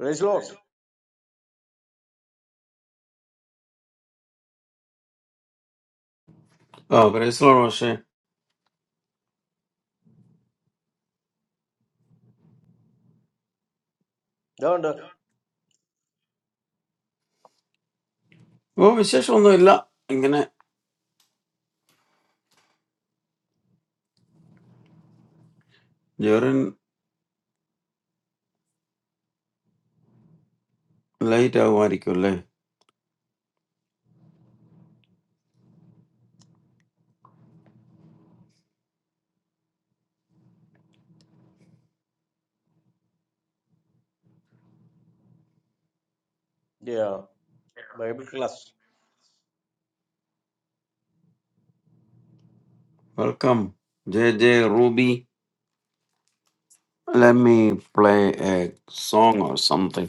Praise Lord. ഓ പ്രൈസലോ പക്ഷേ Don't, uh, ഓ വിശേഷമൊന്നുമില്ല ഇങ്ങനെ Jerin light ആകുമായിരിക്കും അല്ലേ yeah, Bible class. Welcome J J Ruby Let me play a song or something.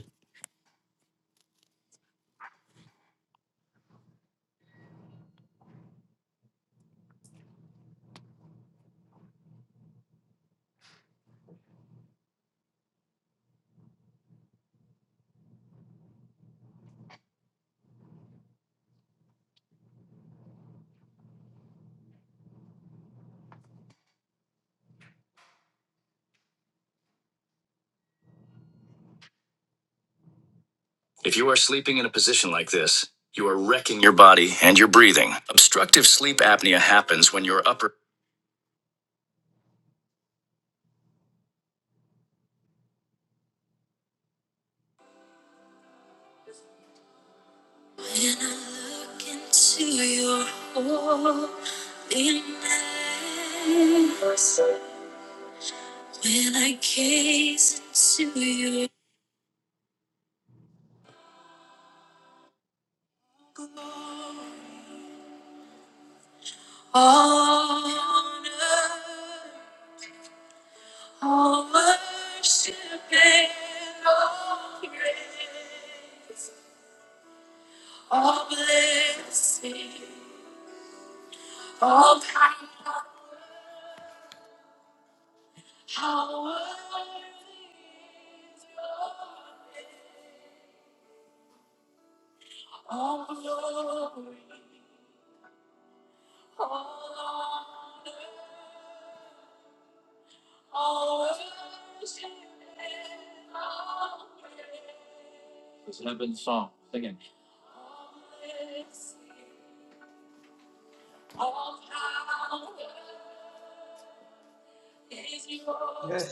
If you are sleeping in a position like this, you are wrecking your body and your breathing. Obstructive sleep apnea happens when your upper. Yes,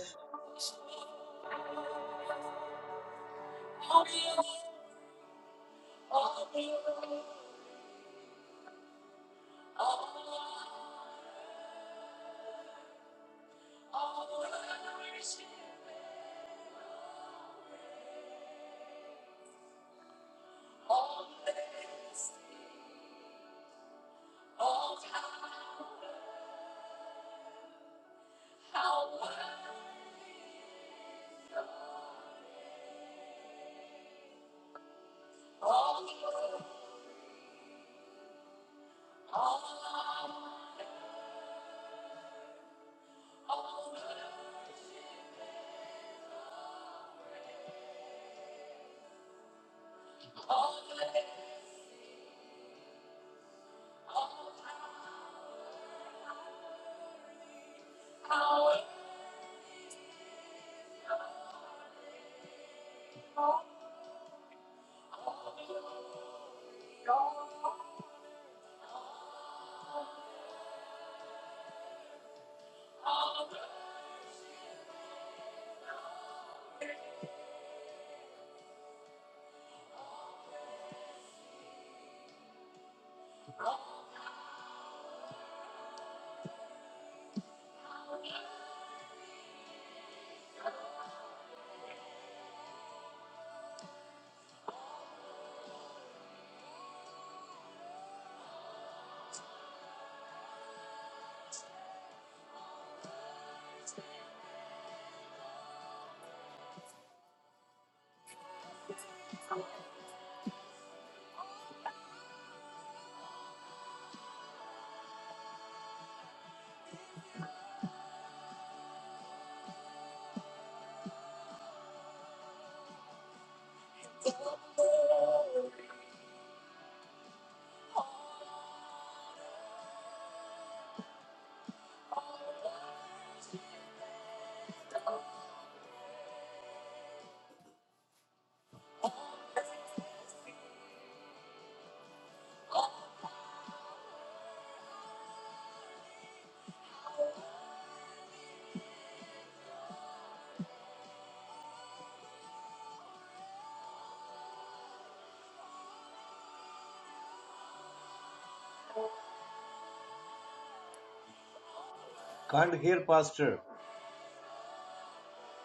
can't hear Pastor.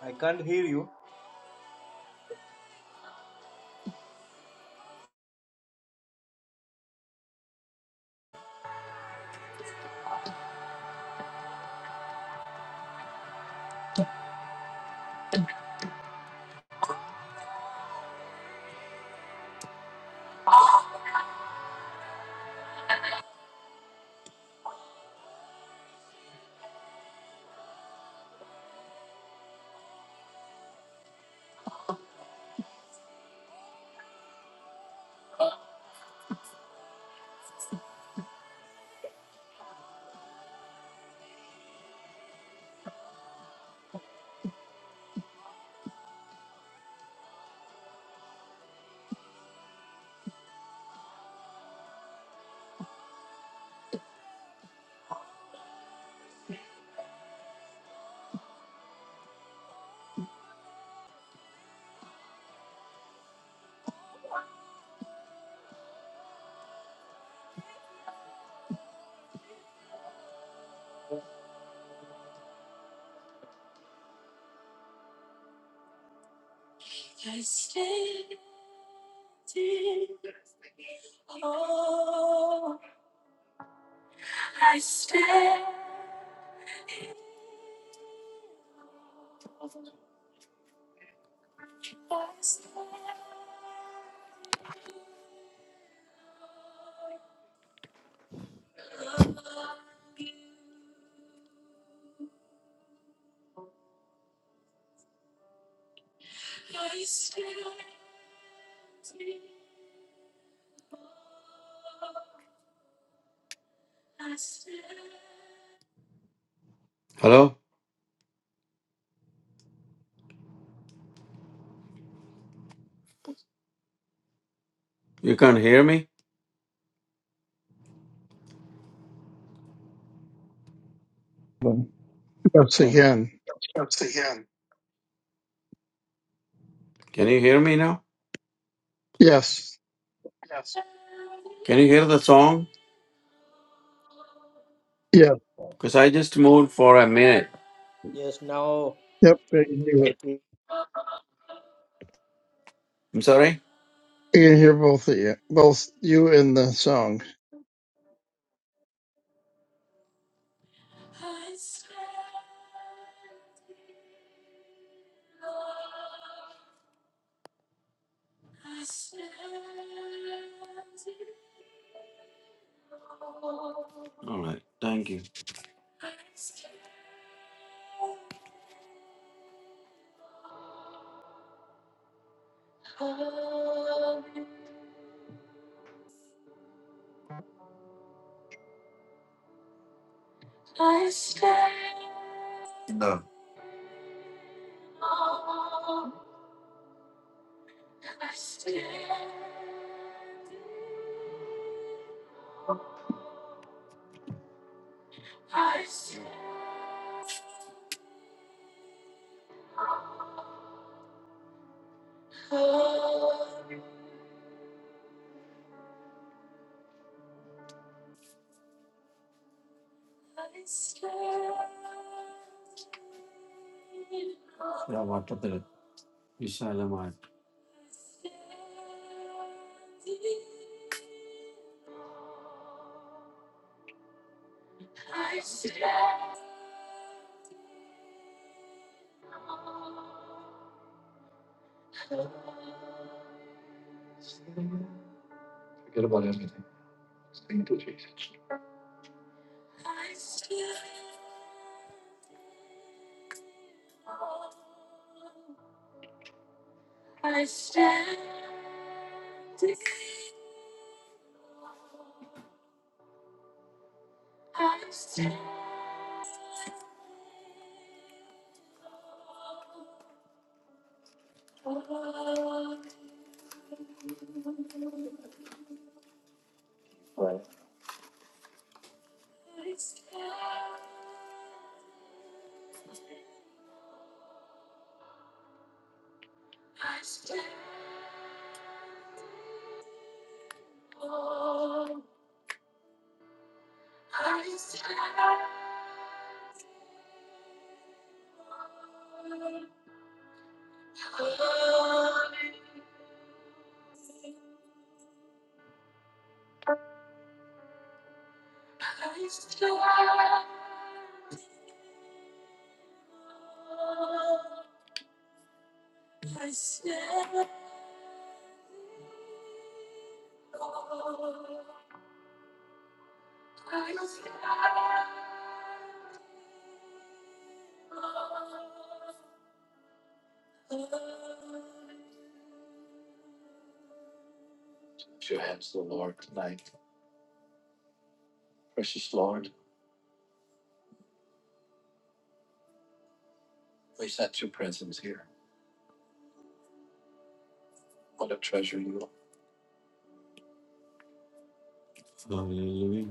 I can't hear you. Hello? You can't hear me? them. Once again, Can you hear me now? yes, Can you hear the song? yep, Because I just moved for a minute. Yes, now yep. I can do I it. feel. I'm sorry? I can hear both of you, both you and the song. All right. Thank you. Hallelujah.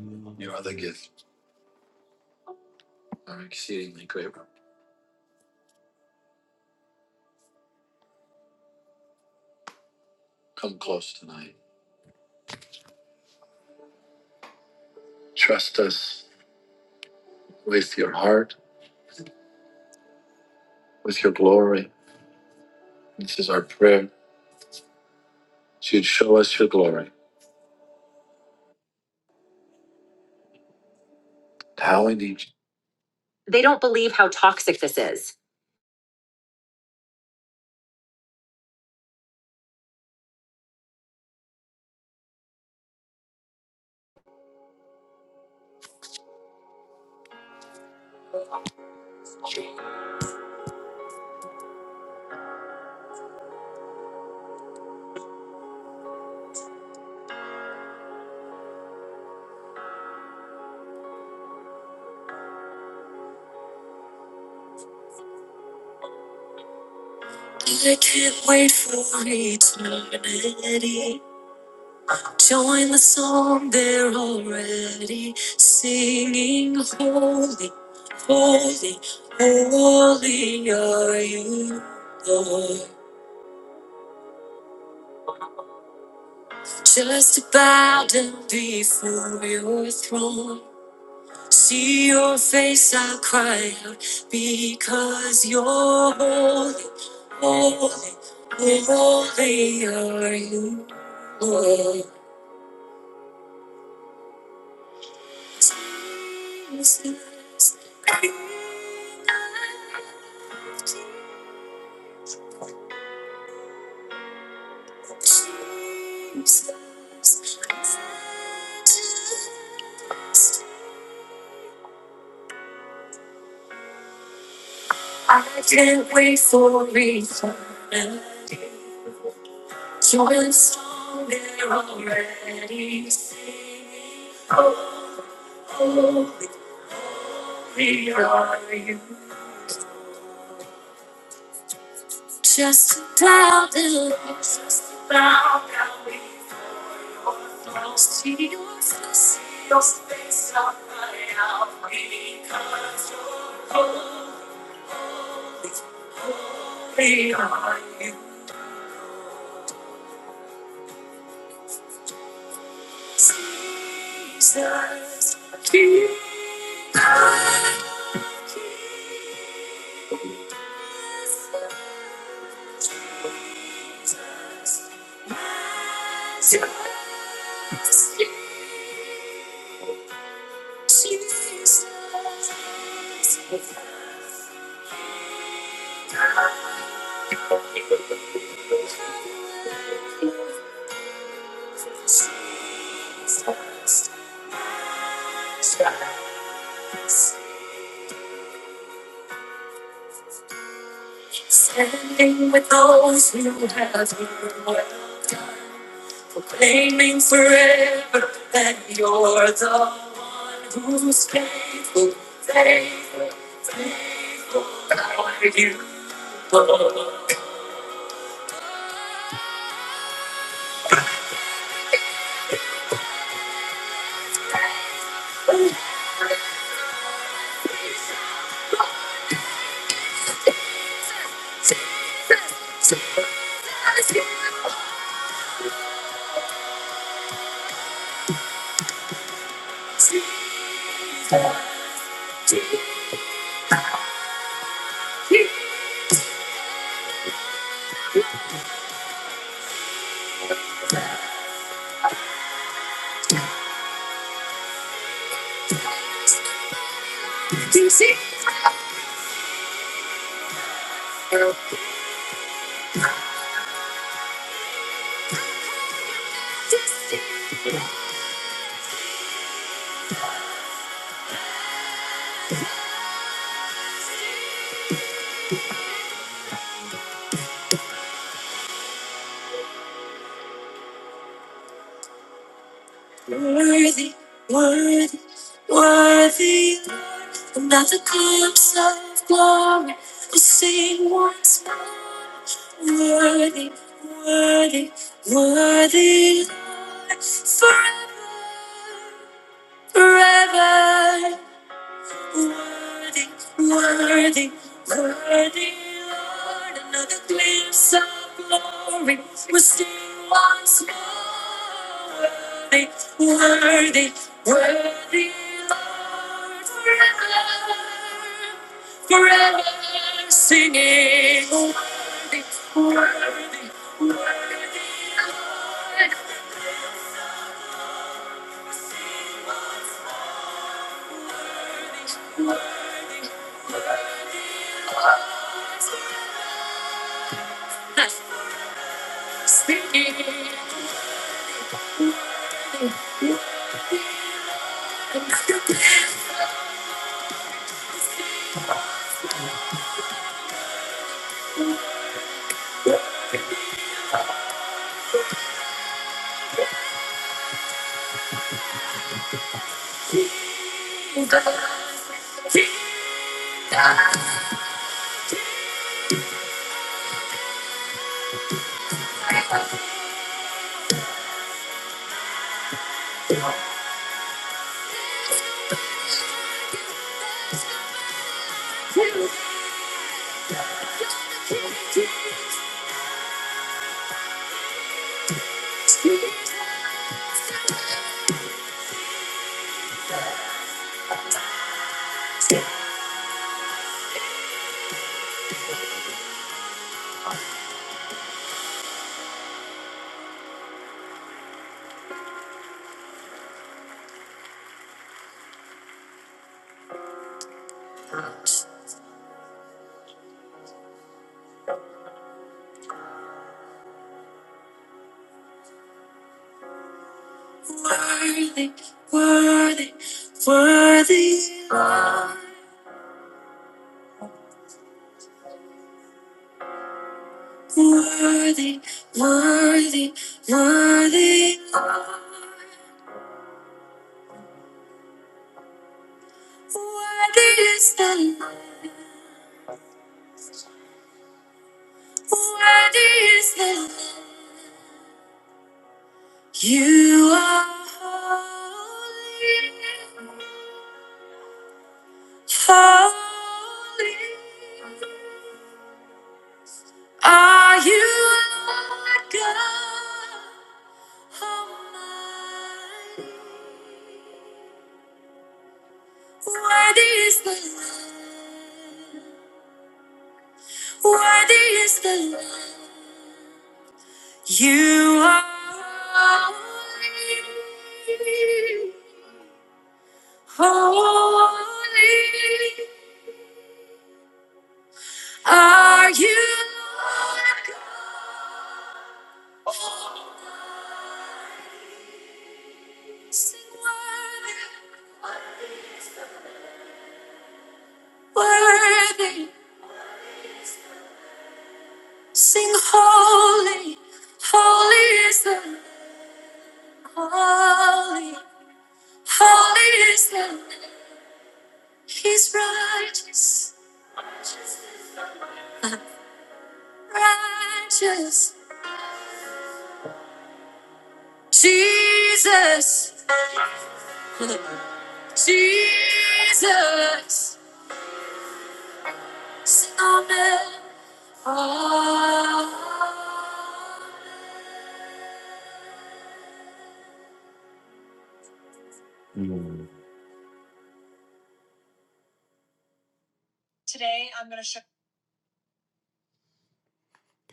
They don't believe how toxic this is.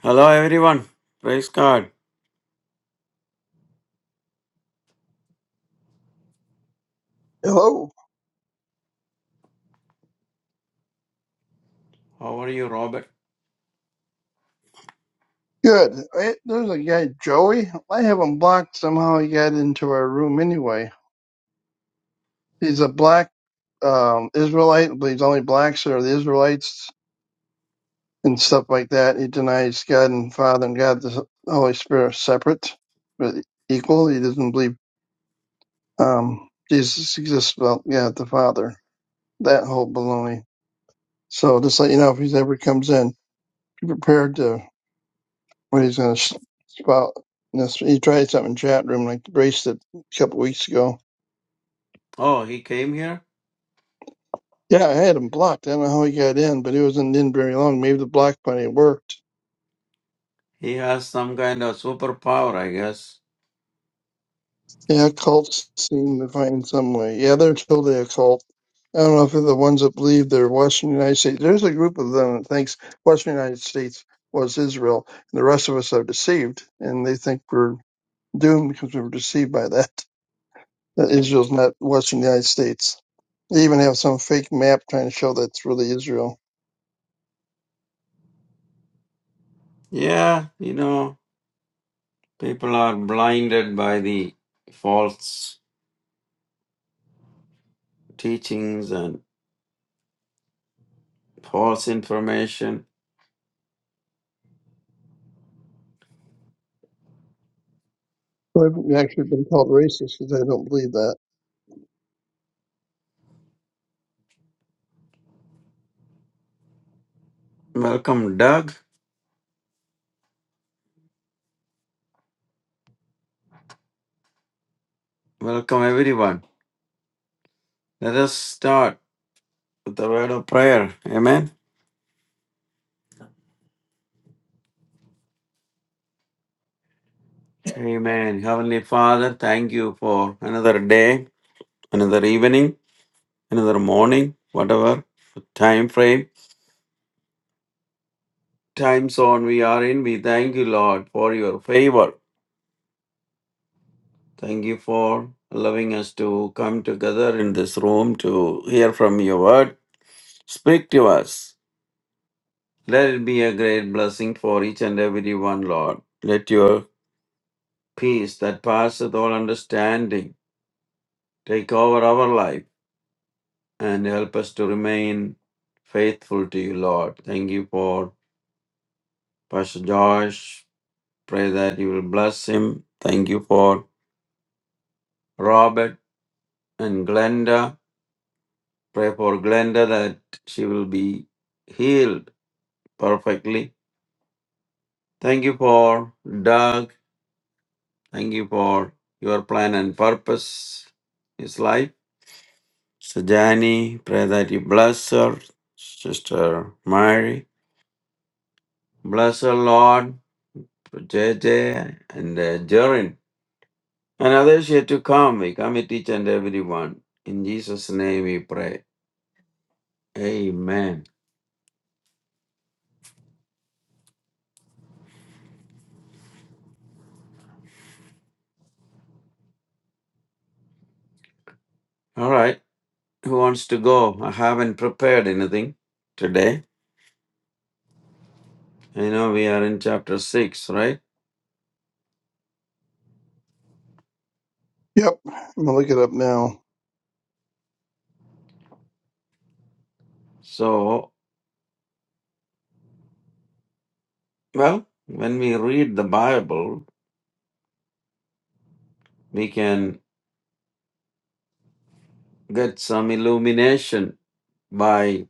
Hello, everyone. Praise God. Hello. How are you, Robert? Good. Eh, There's a guy, Joey. I have him blocked. Somehow he got into our room anyway. He's a black um, Israelite. I believe only blacks are the Israelites and stuff like that. He denies God and Father and God, the Holy Spirit are separate, but equal. He doesn't believe um, Jesus exists without God the Father. That whole baloney. So just let you know if he's ever comes in, be prepared to what he's going to spout. And that's- He tried something in chat room like braced it a couple weeks ago. Oh, he came here? Yeah, I had him blocked. I don't know how he got in, but he wasn't in very long. Maybe the block money worked. He has some kind of superpower, I guess. Yeah, cults seem to find some way. Yeah, they're totally a cult. I don't know if they're the ones that believe they're Western United States. There's a group of them that thinks Western United States was Israel, and the rest of us are deceived, and they think we're doomed because we were deceived by that. that Israel's not watching the United States. They even have some fake map trying to show that's really Israel. Yeah, you know, people are blinded by the false teachings and false information. So I've actually been called racist because I don't believe that. Welcome, Doug. Welcome, everyone. Let us start with the word of prayer. Amen. Amen. Heavenly Father, thank you for another day. another evening, another morning, whatever time frame, time zone we are in. We thank you, Lord, for your favor. Thank you for allowing us to come together in this room to hear from your word. Speak to us. Let it be a great blessing for each and every one, Lord. Let your peace that passeth all understanding take over our life and help us to remain faithful to you, Lord. Thank you for Pastor Josh, Pray that you will bless him. Thank you for Robert and Glenda. Pray for Glenda that she will be healed perfectly. Thank you for Doug. Thank you for your plan and purpose, his life. Sajani, pray that you bless her. Sister Mary, bless her, Lord. For J J and uh, Jarin. And others yet to come, we commit each and every one. In Jesus' name we pray. Amen. All right. Who wants to go? I haven't prepared anything today. I know we are in chapter 6, right? Yep, I'm gonna look it up now. So, well, when we read the Bible, we can get some illumination by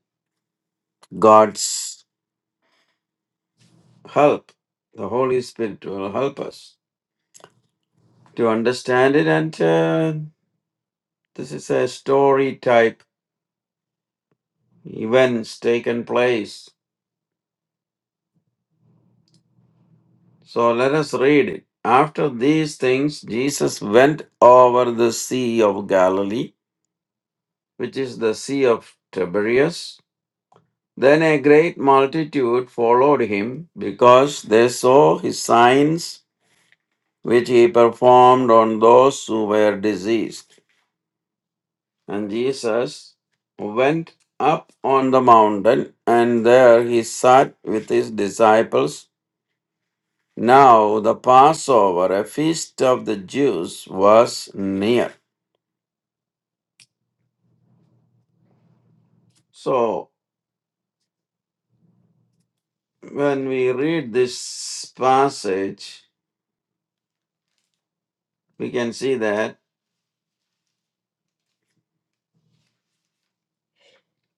God's help. The Holy Spirit will help us to understand it. And uh, this is a story type events taken place So let us read it. After these things, Jesus went over the Sea of Galilee, which is the Sea of Tiberias. Then a great multitude followed him because they saw his signs which he performed on those who were diseased. And Jesus went up on the mountain, and there he sat with his disciples Now the Passover, a feast of the Jews, was near. So when we read this passage, we can see that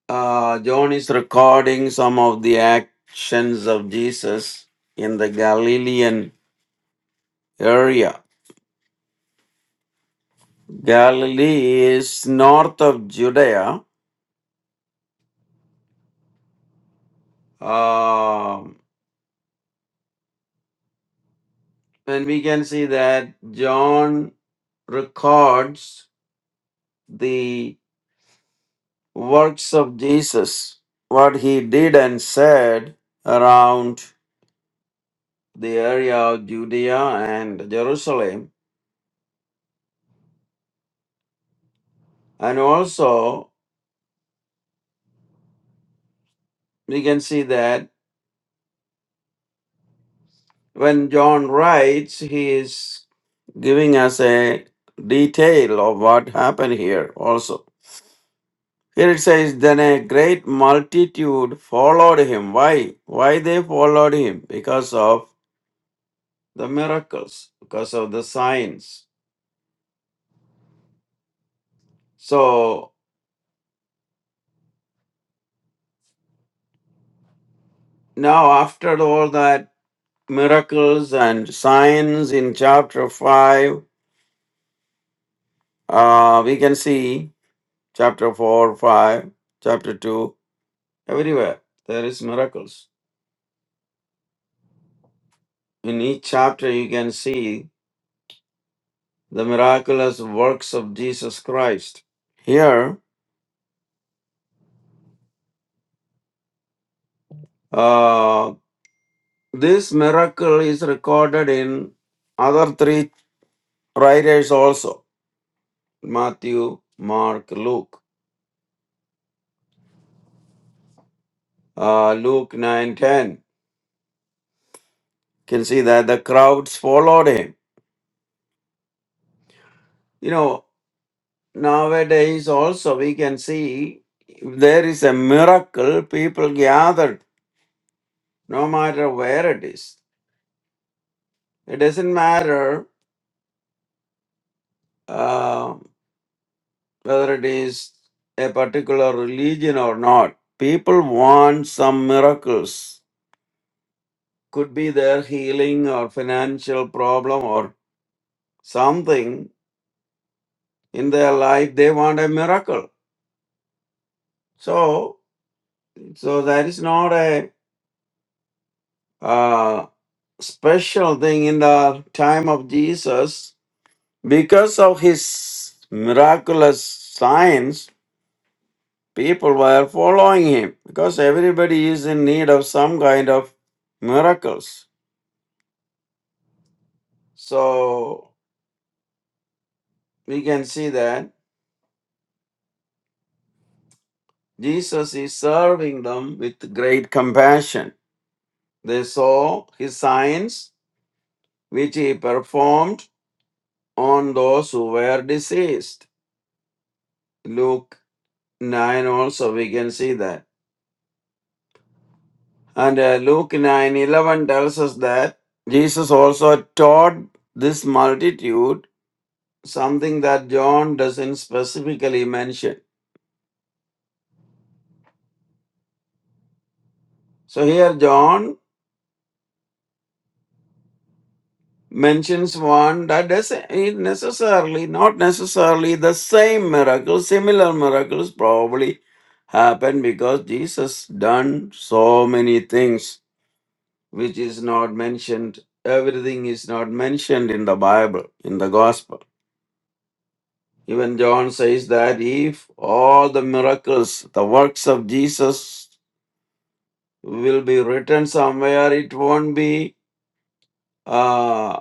uh, John is recording some of the actions of Jesus in the Galilean area. Galilee is north of Judea. Um, and we can see that John records the works of Jesus, what he did and said around the area of Judea and Jerusalem. And also, we can see that when John writes, he is giving us a detail of what happened here also. Here it says, Then a great multitude followed him. Why? Why they followed him? Because of the miracles, because of the signs. So Now, after all that miracles and signs in chapter 5, uh, we can see chapter 4, 5, chapter 2, everywhere there is miracles. In each chapter, you can see the miraculous works of Jesus Christ. Here, uh, this miracle is recorded in other three writers also Matthew, Mark, Luke. Uh, Luke nine ten. can see that the crowds followed him. You know, nowadays also we can see if there is a miracle, people gathered, no matter where it is. It doesn't matter uh, whether it is a particular religion or not. People want some miracles. Could be their healing or financial problem or something in their life. They want a miracle. So, so that is not a uh, special thing in the time of Jesus. Because of his miraculous signs, people were following him because everybody is in need of some kind of miracles. So we can see that Jesus is serving them with great compassion. They saw his signs which he performed on those who were diseased. Luke 9 also we can see that. And uh, Luke 9:11 tells us that Jesus also taught this multitude something that John doesn't specifically mention. So here John mentions one that doesn't it necessarily, not necessarily the same miracle, similar miracles probably happen because Jesus done so many things which is not mentioned. Everything is not mentioned in the Bible, in the gospel. Even John says that if all the miracles, the works of Jesus will be written somewhere, it won't be uh,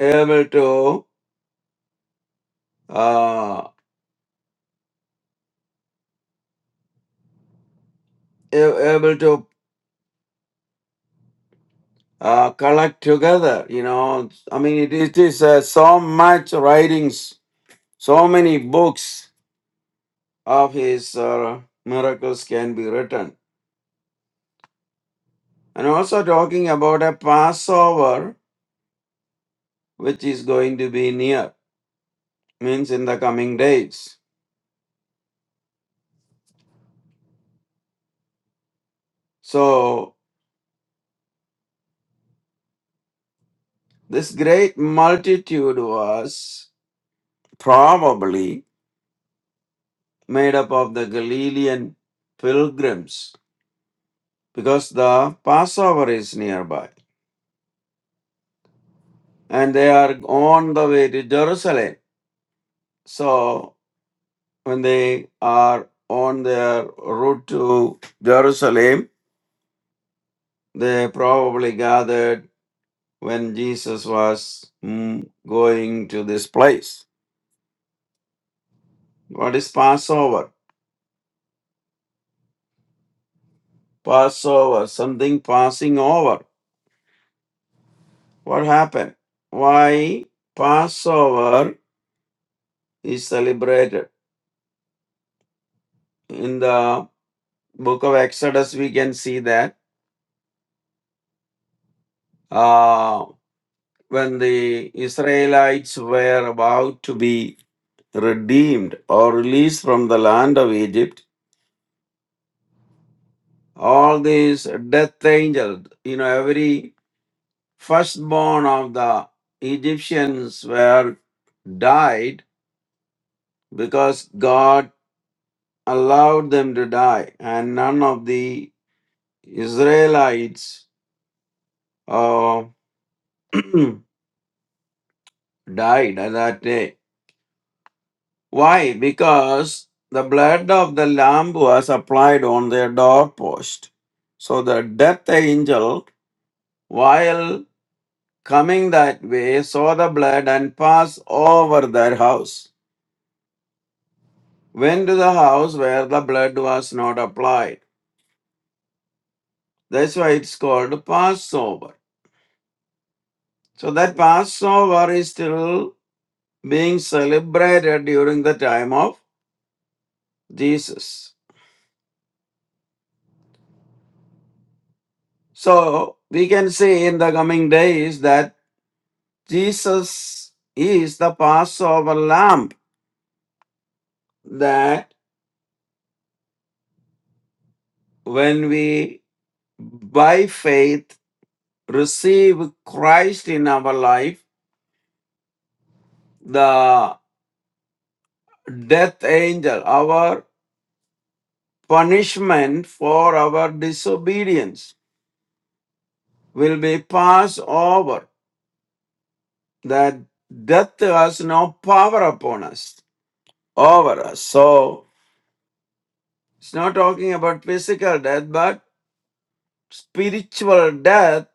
able to uh, a- able to uh, collect together. You know, I mean, it, it is uh, so much writings, so many books of his uh, miracles can be written. And also talking about a Passover, which is going to be near, means in the coming days So this great multitude was probably made up of the Galilean pilgrims because the Passover is nearby and they are on the way to Jerusalem. So when they are on their route to Jerusalem, they probably gathered when Jesus was mm, going to this place. What is Passover? Passover, something passing over What happened? Why Passover is celebrated? In the book of Exodus, we can see that uh, when the Israelites were about to be redeemed or released from the land of Egypt, all these death angels, you know, every firstborn of the Egyptians were died because God allowed them to die, and none of the Israelites uh, died on that day. Why? Because the blood of the lamb was applied on their doorpost. So the death angel, while coming that way, saw the blood and passed over their house. Went to the house where the blood was not applied. That's why it's called Passover. So that Passover is still being celebrated during the time of Jesus. So we can see in the coming days that Jesus is the Passover lamb that when we by faith receive Christ in our life, the death angel, our punishment for our disobedience will be passed over. That death has no power upon us, over us. So It's not talking about physical death, but spiritual death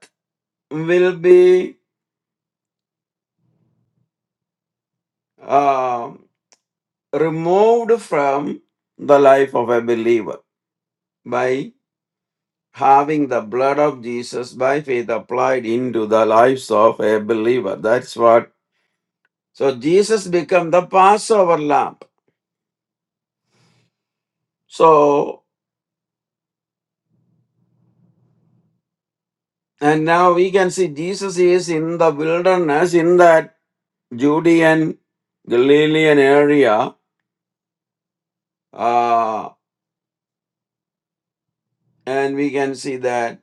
will be uh, removed from the life of a believer by having the blood of Jesus by faith applied into the lives of a believer. That's what. So Jesus become the Passover lamb. So and now we can see Jesus is in the wilderness in that Judean Galilean area uh, and we can see that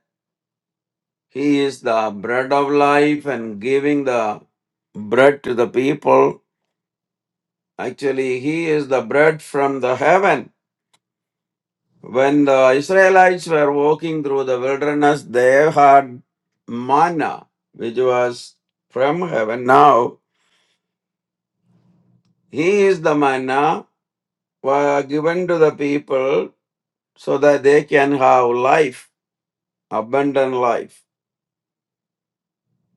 he is the bread of life and giving the bread to the people. Actually, he is the bread from the heaven. When the Israelites were walking through the wilderness, they had manna, which was from heaven. Now, he is the manna were given to the people so that they can have life, abundant life.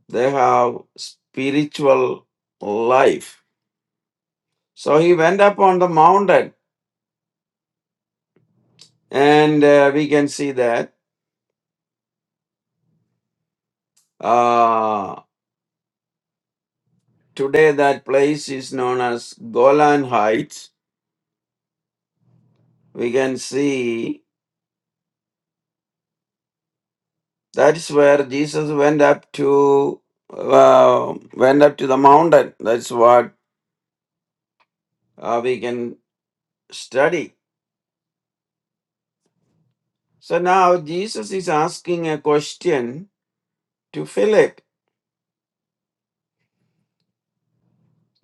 They have spiritual life So he went up on the mountain, and uh, we can see that uh, today that place is known as Golan Heights. We can see that's where Jesus went up to uh, went up to the mountain. That's what uh, we can study. So now Jesus is asking a question to Philip.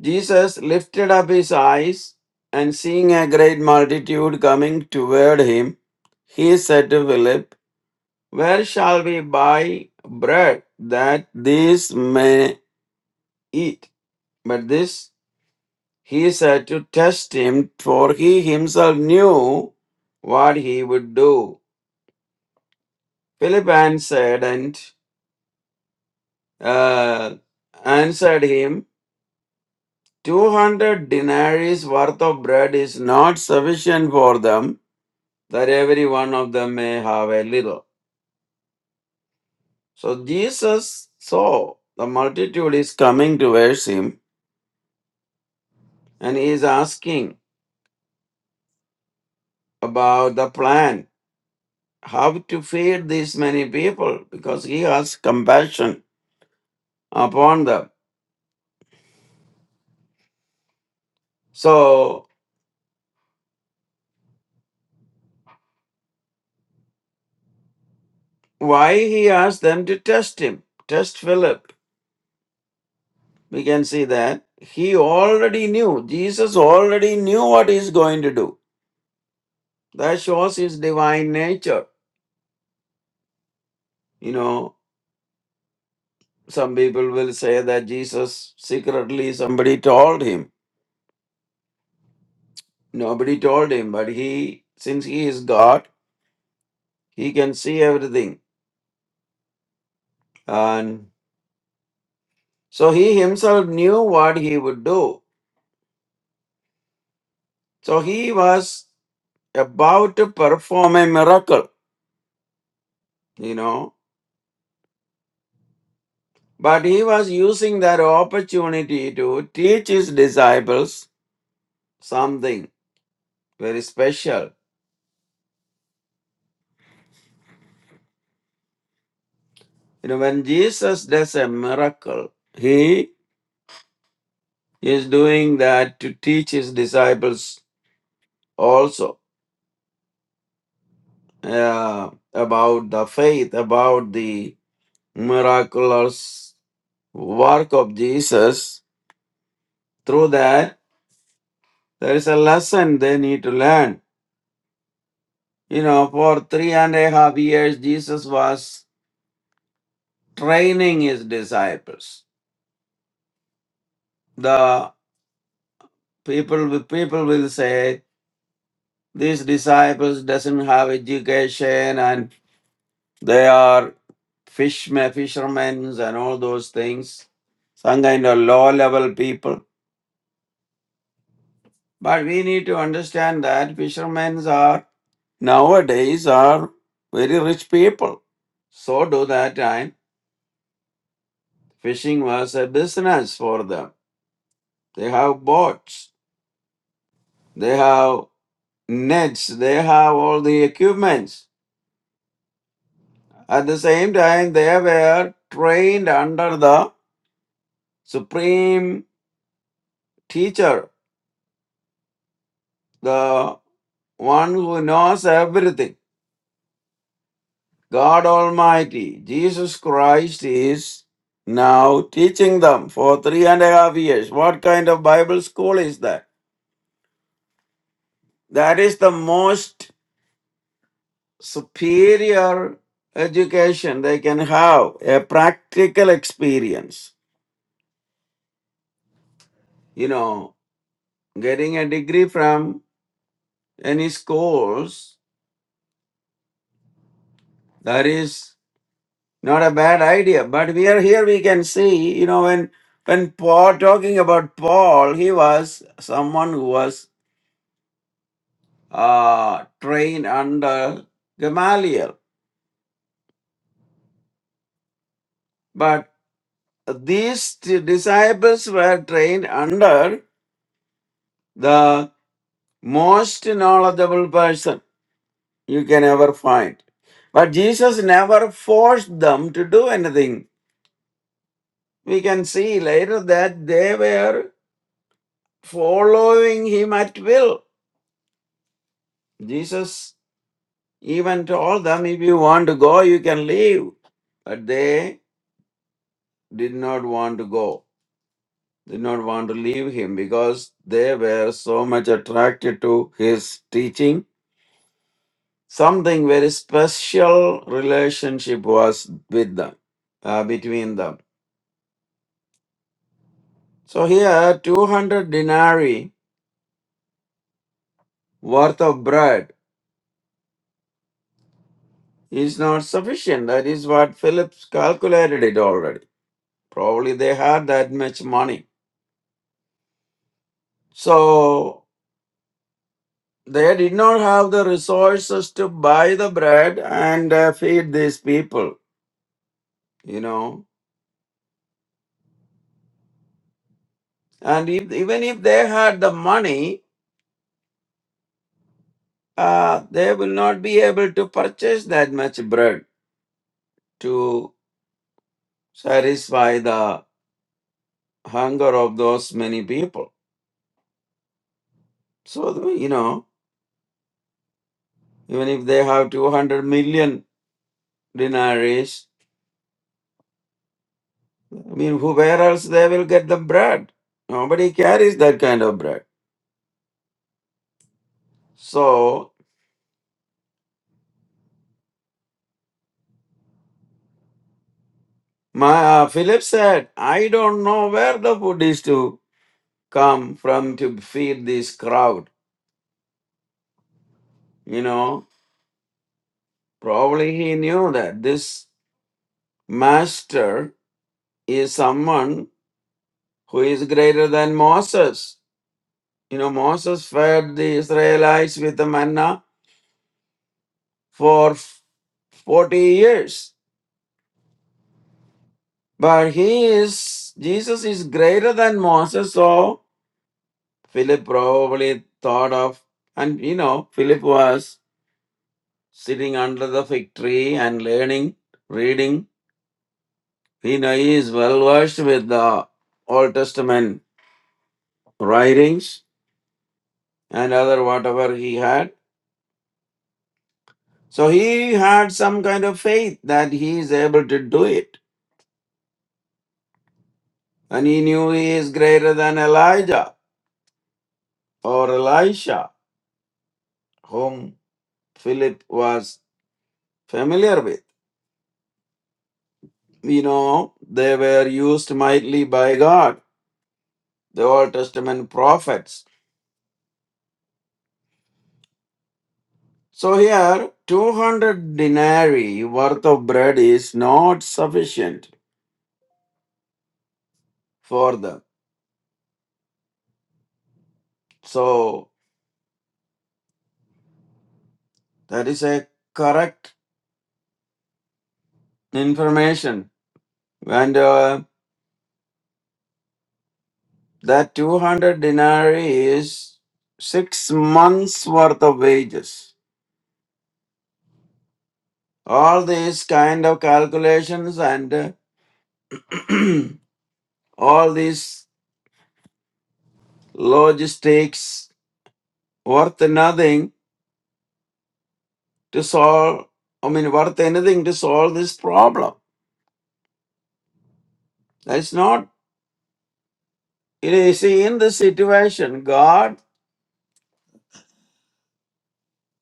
Jesus lifted up his eyes and seeing a great multitude coming toward him, he said to Philip, Where shall we buy bread that these may eat? But this he said to test him, for he himself knew what he would do. Philip answered and uh, answered him, Two hundred denaries worth of bread is not sufficient for them that every one of them may have a little. So Jesus saw the multitude is coming towards him and he is asking about the plan, how to feed these many people because he has compassion upon them. So why he asked them to test him, test Philip. We can see that he already knew, Jesus already knew what he's going to do. That shows his divine nature. You know, Some people will say that Jesus secretly somebody told him. Nobody told him, but he, since he is God, he can see everything. And so he himself knew what he would do. So he was about to perform a miracle, you know, but he was using that opportunity to teach his disciples something very special. You know, when Jesus does a miracle, He is doing that to teach his disciples also uh, about the faith, about the miraculous work of Jesus. Through that, there is a lesson they need to learn. You know, for three and a half years, Jesus was training his disciples. The people people will say these disciples doesn't have education and They are fishmen, fishermen, and all those things. Some kind of low level people. But we need to understand that fishermen are nowadays are very rich people. So do that time, fishing was a business for them. They have boats, they have nets, they have all the equipments. At the same time, they were trained under the supreme teacher the one who knows everything, God Almighty, Jesus Christ is now teaching them for three and a half years. What kind of Bible school is that? That is the most superior education they can have, a practical experience. You know, getting a degree from any schools, that is Not a bad idea. But we are here, we can see, you know, when when Paul talking about Paul, he was someone who was uh, trained under Gamaliel. But these t- disciples were trained under the most knowledgeable person you can ever find. But Jesus never forced them to do anything. We can see later that they were following him at will. Jesus Even told them, if you want to go, you can leave. But they did not want to go, did not want to leave him because they were so much attracted to his teaching. Something very special relationship was with them, uh, between them. So here, 200 denarii worth of bread is not sufficient. That is what Philip calculated it already. Probably they had that much money. So They did not have the resources to buy the bread and uh, feed these people, you know. And if, even if they had the money, uh, they will not be able to purchase that much bread to satisfy the hunger of those many people. So, you know, even if they have 200 million dinaries, I mean, who, where else they will get the bread? Nobody carries that kind of bread. So My, uh, Philip said, I don't know where the food is to come from to feed this crowd. You know, probably he knew that this master is someone who is greater than Moses. You know, Moses fed the Israelites with the manna for f- 40 years. But he is, Jesus is greater than Moses, so Philip probably thought of, and you know, Philip was sitting under the fig tree and learning, reading. he is well versed with the Old Testament writings and other whatever he had. So he had some kind of faith that he is able to do it. And he knew he is greater than Elijah or Elisha, whom Philip was familiar with. You know, they were used mightily by God, the Old Testament prophets So here, 200 denarii worth of bread is not sufficient for them. So that is a correct information. And uh, that 200 denarii is six months worth of wages. All these kind of calculations and uh, all these logistics worth nothing to solve. I mean, worth anything to solve this problem. That's not You know, you see, in this situation, God,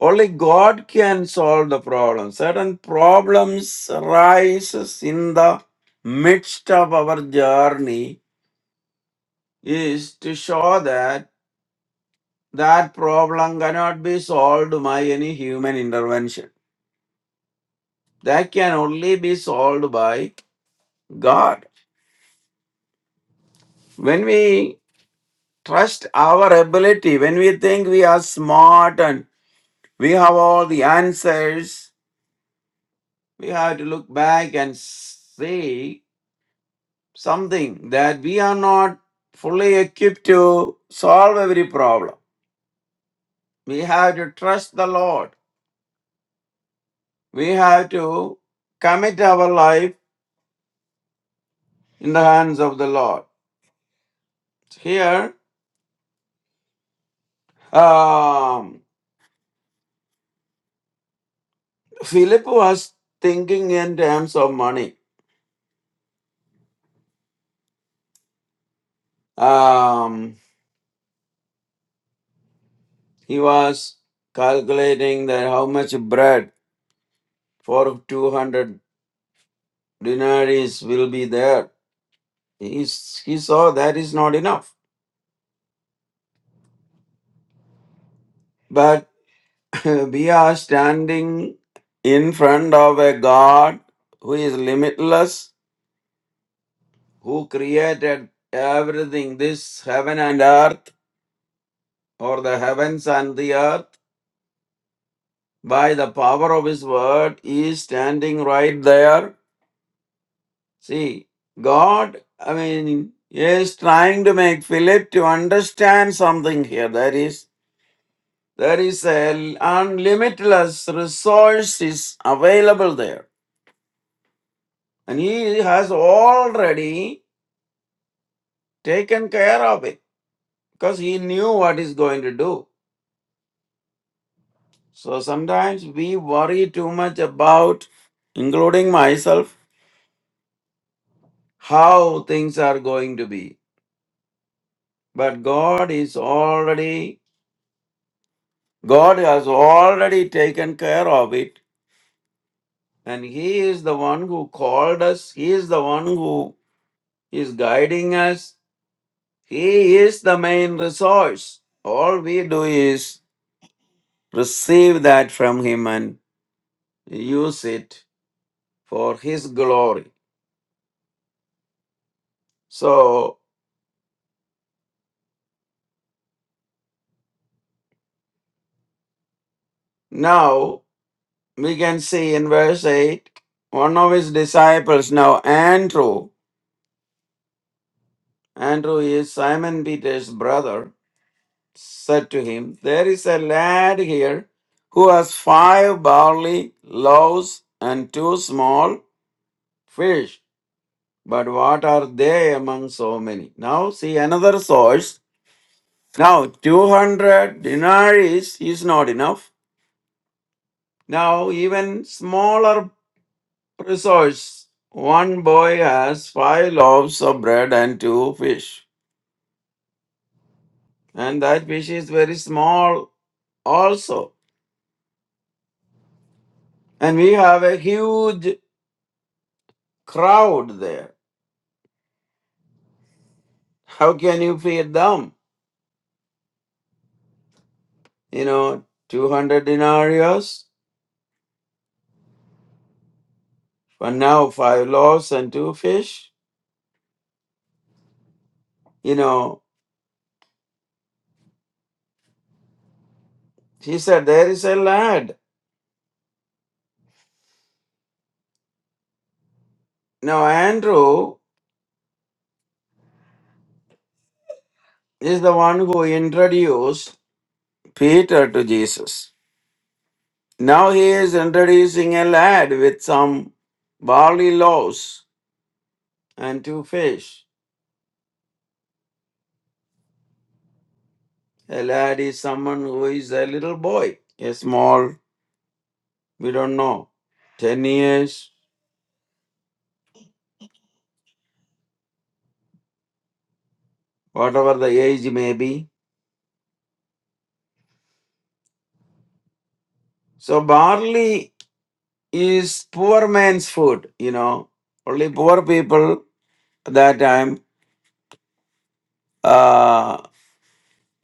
only God can solve the problem. Certain problems arises in the midst of our journey is to show that that problem cannot be solved by any human intervention. That can only be solved by God. When we trust our ability, when we think we are smart and we have all the answers, we have to look back and say something that we are not fully equipped to solve every problem. We have to trust the Lord. We have to commit our life in the hands of the Lord. Here, um, Philip was thinking in terms of money. Um, he was calculating that how much bread for 200 denaries will be there He's, he saw that is not enough. But we are standing in front of a God who is limitless, who created everything, this heaven and earth, or the heavens and the earth, by the power of his word. He is standing right there. See, God, I mean, is trying to make Philip to understand something here. That is. There is an unlimitless resources available there. And he has already taken care of it because he knew what he's going to do. So sometimes we worry too much about, including myself, how things are going to be. But God is already, God has already taken care of it. And he is the one who called us. He is the one who is guiding us He is the main resource. All we do is receive that from Him and use it for His glory. So now we can see in verse 8 one of His disciples, now Andrew, Andrew is Simon Peter's brother, said to him, There is a lad here who has five barley loaves and two small fish. But what are they among so many? Now see another source. Now 200 denaries is not enough. Now even smaller resource. One boy has five loaves of bread and two fish. And that fish is very small also. And we have a huge crowd there. How can you feed them? You know, 200 denarius, but now five loaves and two fish. You know, He said, There is a lad. Now, Andrew is the one who introduced Peter to Jesus. Now he is introducing a lad with some barley loaves and two fish. A lad is someone who is a little boy, a small, we don't know, 10 years, whatever the age may be. So, barley is poor man's food, you know. Only poor people at that time uh,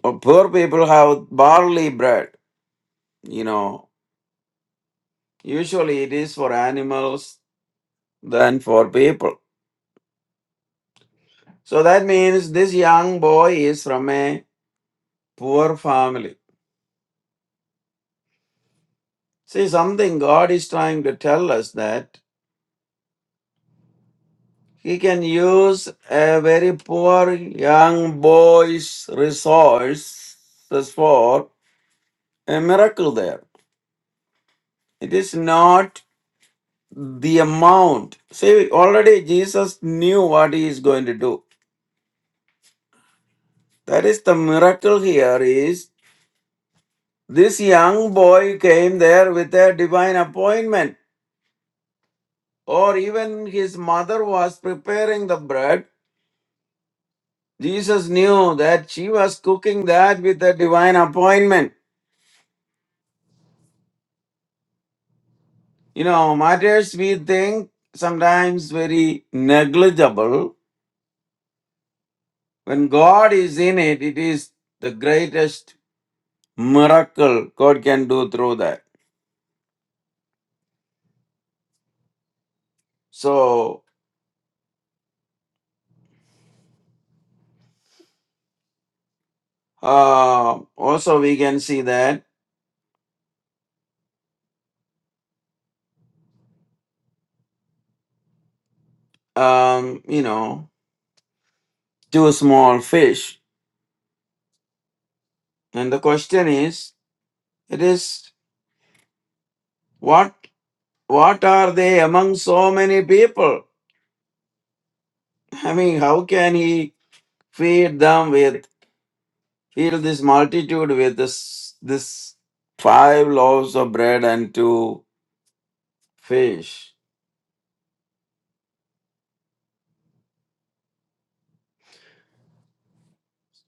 uh, poor people have barley bread you know usually it is for animals than for people so that means this young boy is from a poor family see something god is trying to tell us that he can use a very poor young boy's resources for a miracle there it is not the amount see already jesus knew what he is going to do That is the miracle here is this young boy came there with a divine appointment, or even his mother was preparing the bread. Jesus knew that she was cooking that with a divine appointment. You know, matters we think sometimes very negligible. When God is in it, it is the greatest miracle God can do through that. So, uh, also we can see that. um, you know, two small fish. And the question is, it is what what are they among so many people? I mean, how can he feed them with feed this multitude with this this five loaves of bread and two fish?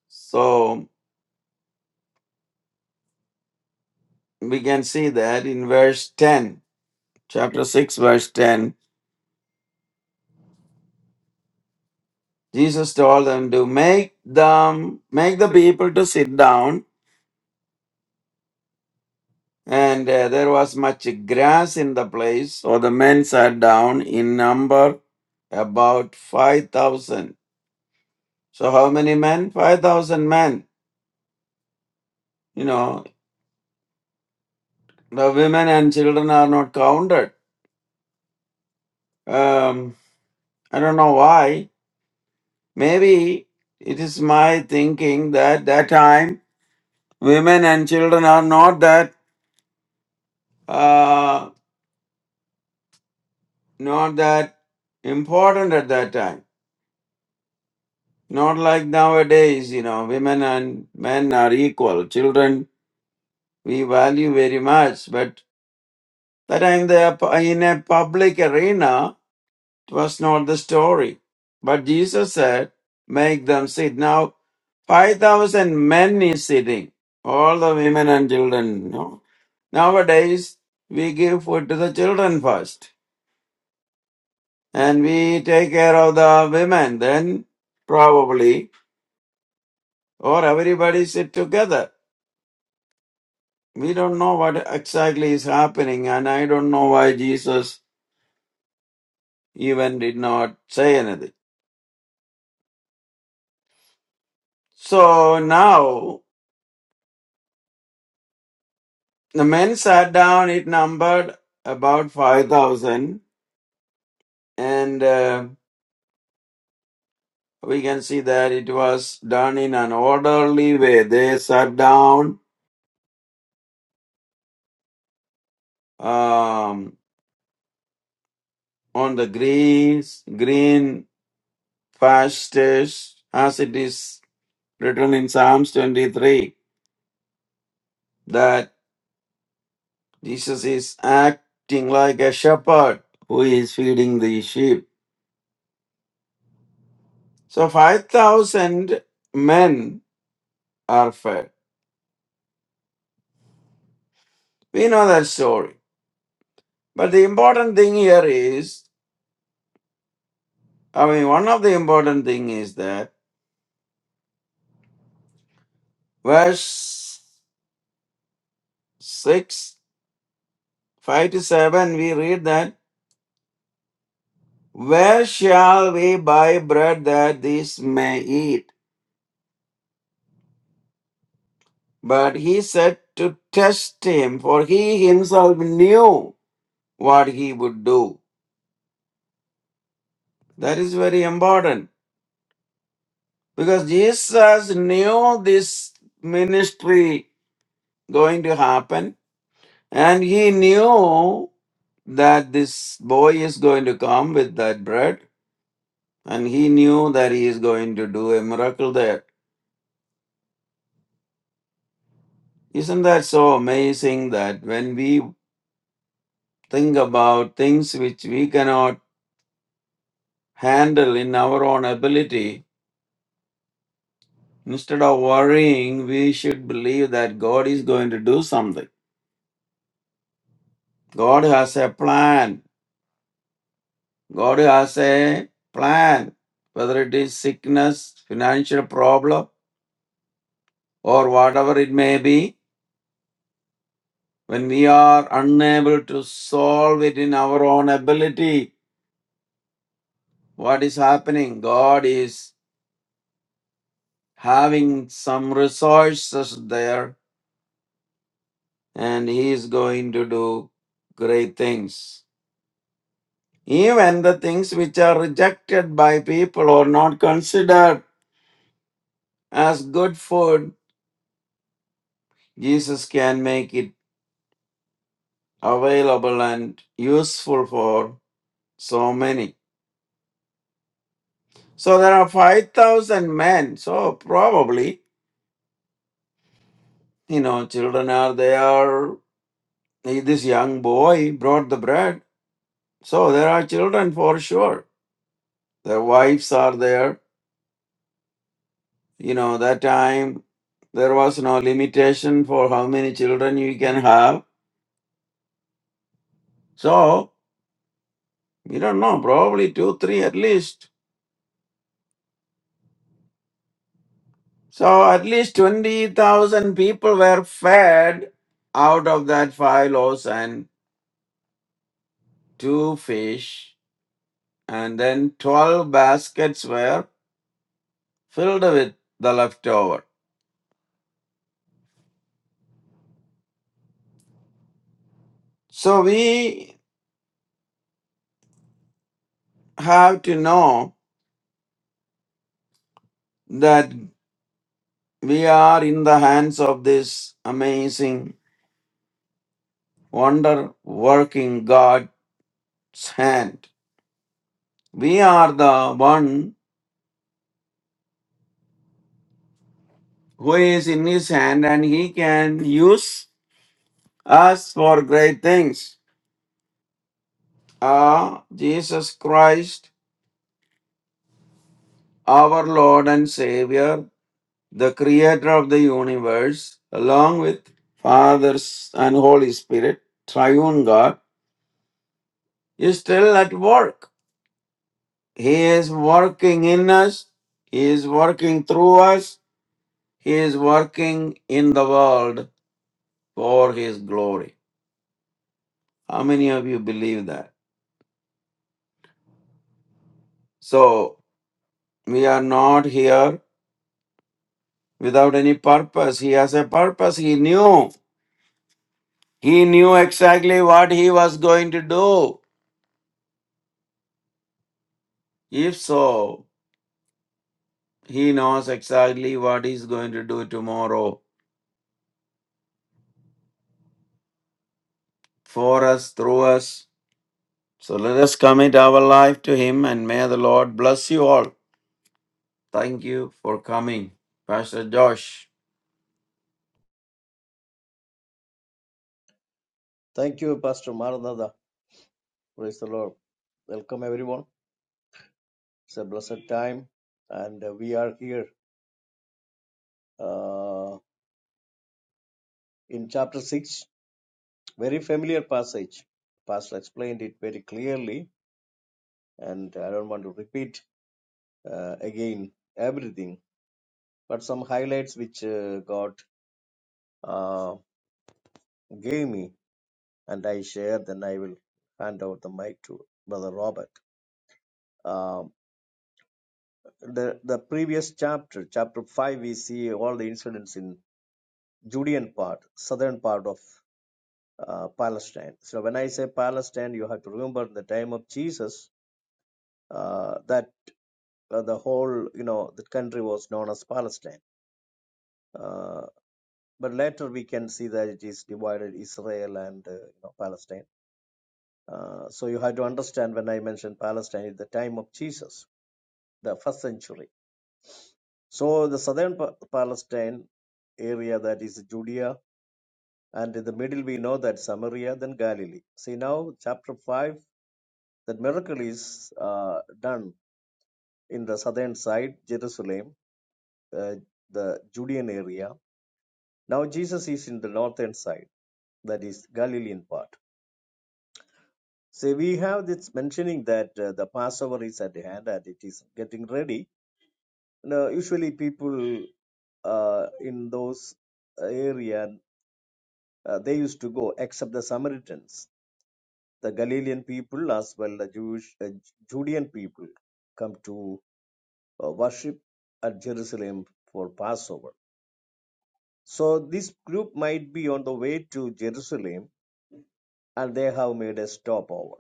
So we can see that in verse ten, chapter six, verse ten. Jesus told them to make them make the people to sit down and uh, there was much grass in the place, so the men sat down in number about 5,000. So, how many men? 5,000 men. You know, the women and children are not counted. Um, I don't know why. Maybe it is my thinking that that time women and children are not that uh, not that important at that time Not like nowadays, you know, women and men are equal. Children, we value very much, but that time they are pu- in a public arena, it was not the story. But Jesus said, make them sit. Now, 5,000 men is sitting, all the women and children, you know. Nowadays, we give food to the children first, and we take care of the women, then probably, or everybody sit together. we don't know what exactly is happening, and I don't know why Jesus even did not say anything. So now the men sat down, it numbered about 5,000, and uh, we can see that it was done in an orderly way. They sat down um, on the greens, green pastures, as it is written in Psalms 23, that. Jesus is acting like a shepherd who is feeding the sheep. So 5,000 men are fed. We know that story. But the important thing here is, I mean, one of the important thing is that verse 6, 5 to 7, we read that, Where shall we buy bread that these may eat? But he said to test him, for he himself knew what he would do. That is very important because Jesus knew this ministry going to happen and he knew that this boy is going to come with that bread and he knew that he is going to do a miracle there. Isn't that so amazing that when we think about things which we cannot handle in our own ability, instead of worrying, we should believe that God is going to do something. God has a plan God has a plan, whether it is sickness, financial problem, or whatever it may be. When we are unable to solve it in our own ability, what is happening? God is having some resources there and He is going to do great things. Even the things which are rejected by people or not considered as good food, Jesus can make it available and useful for so many. So there are 5,000 men. So probably, you know, children are there. This young boy brought the bread. So there are children for sure. Their wives are there. You know, that time there was no limitation for how many children you can have. So, you don't know, probably two, three at least. So at least 20,000 people were fed out of that five loaves and two fish, and then 12 baskets were filled with the leftover. So we have to know that we are in the hands of this amazing, wonder working God's hand. We are the one who is in his hand and he can use us for great things. are Jesus Christ, our Lord and Savior, the Creator of the universe, along with Father and Holy Spirit, Triune God, is still at work. He is working in us, He is working through us, He is working in the world for His glory. How many of you believe that? So, we are not here without any purpose. He has a purpose. He knew. He knew exactly what he was going to do. If so, he knows exactly what he's going to do tomorrow for us, through us. So let us commit our life to him and may the Lord bless you all. Thank you for coming, Pastor Josh. Thank you, Pastor Maranatha. Praise the Lord. Welcome, everyone. It's a blessed time, and uh, we are here uh, in chapter 6. Very familiar passage. Pastor explained it very clearly, and I don't want to repeat uh, again everything, but some highlights which uh, God uh, gave me and I share, then I will hand out the mic to Brother Robert. Um, the the previous chapter, chapter five, we see all the incidents in Judean part, southern part of uh, Palestine. So when I say Palestine, you have to remember in the time of Jesus uh, that uh, the whole you know the country was known as Palestine. Uh, but later we can see that it is divided Israel and uh, you know, Palestine. Uh, so you have to understand when I mention Palestine at the time of Jesus the first century. So the southern Pa- Palestine area, that is Judea, and in the middle we know that Samaria, then Galilee. See now, chapter 5, that miracle is uh, done in the southern side, Jerusalem, uh, the Judean area. Now Jesus is in the northern side, that is Galilean part. See, we have this mentioning that uh, the Passover is at hand and it is getting ready. Now, usually people uh, in those area uh, they used to go, except the Samaritans. The Galilean people, as well the Jewish uh, Judean people, come to uh, worship at Jerusalem for Passover. So this group might be on the way to Jerusalem, and they have made a stopover.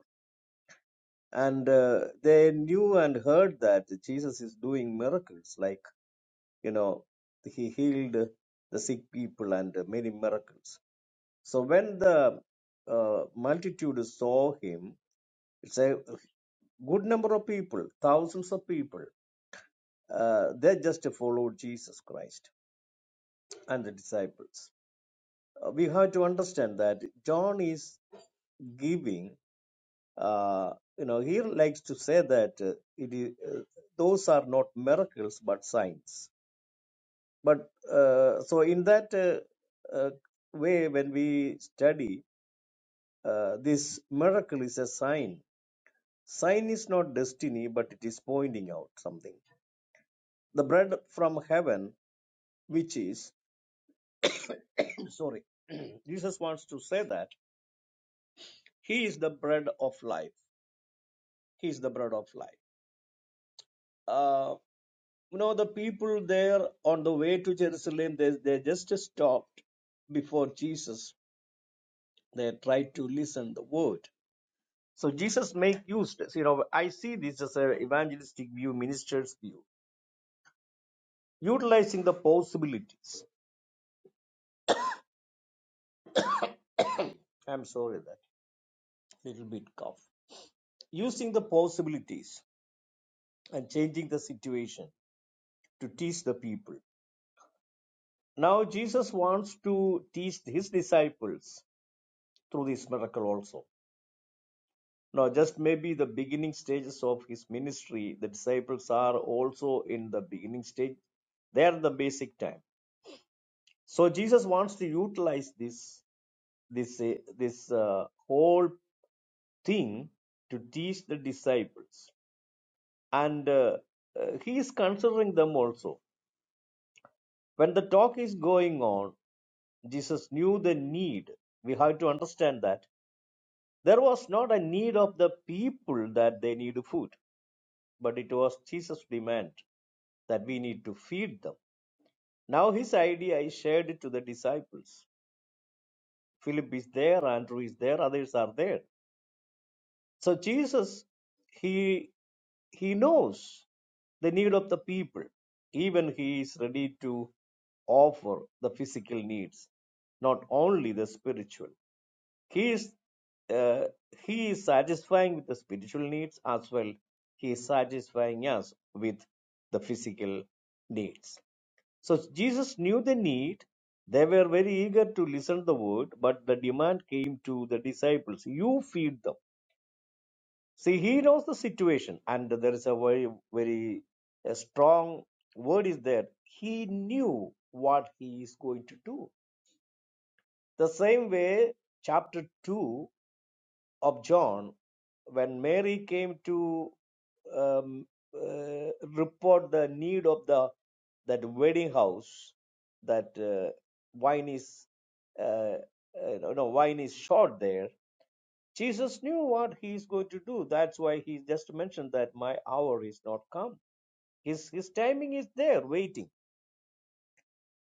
And uh, they knew and heard that Jesus is doing miracles, like you know, he healed the sick people and many miracles. So when the uh, multitude saw him, it says Good number of people, thousands of people, uh, they just followed Jesus Christ and the disciples. Uh, we have to understand that John is giving. Uh, you know, he likes to say that uh, it is, uh, those are not miracles but signs. But uh, so in that uh, uh, way, when we study uh, this miracle is a sign sign is not destiny but it is pointing out something the bread from heaven which is sorry jesus wants to say that he is the bread of life he is the bread of life uh, you know the people there on the way to jerusalem they, they just stopped before jesus they tried to listen the word so jesus make use you know i see this as an evangelistic view minister's view utilizing the possibilities i'm sorry that little bit cough using the possibilities and changing the situation to teach the people Now Jesus wants to teach his disciples through this miracle also. Now, just maybe the beginning stages of his ministry, the disciples are also in the beginning stage. They are the basic time. So Jesus wants to utilize this this uh, this uh, whole thing to teach the disciples, and uh, uh, he is considering them also. When the talk is going on, Jesus knew the need. We have to understand that There was not a need of the people that they need food, but it was Jesus' demand that we need to feed them. Now his idea is shared to the disciples. Philip is there, Andrew is there, others are there. So Jesus, he he knows the need of the people. Even he is ready to offer the physical needs, not only the spiritual. He is uh, he is satisfying with the spiritual needs as well. He is satisfying us with the physical needs. So Jesus knew the need. They were very eager to listen to the word, but the demand came to the disciples. You feed them. See, he knows the situation, and there is a very, very uh, strong word is there. He knew what he is going to do. The same way, chapter 2 of John when Mary came to um, uh, report the need of the that wedding house that uh, wine is uh, uh, no no, wine is short there jesus knew what he is going to do that's why he just mentioned that my hour is not come his his timing is there waiting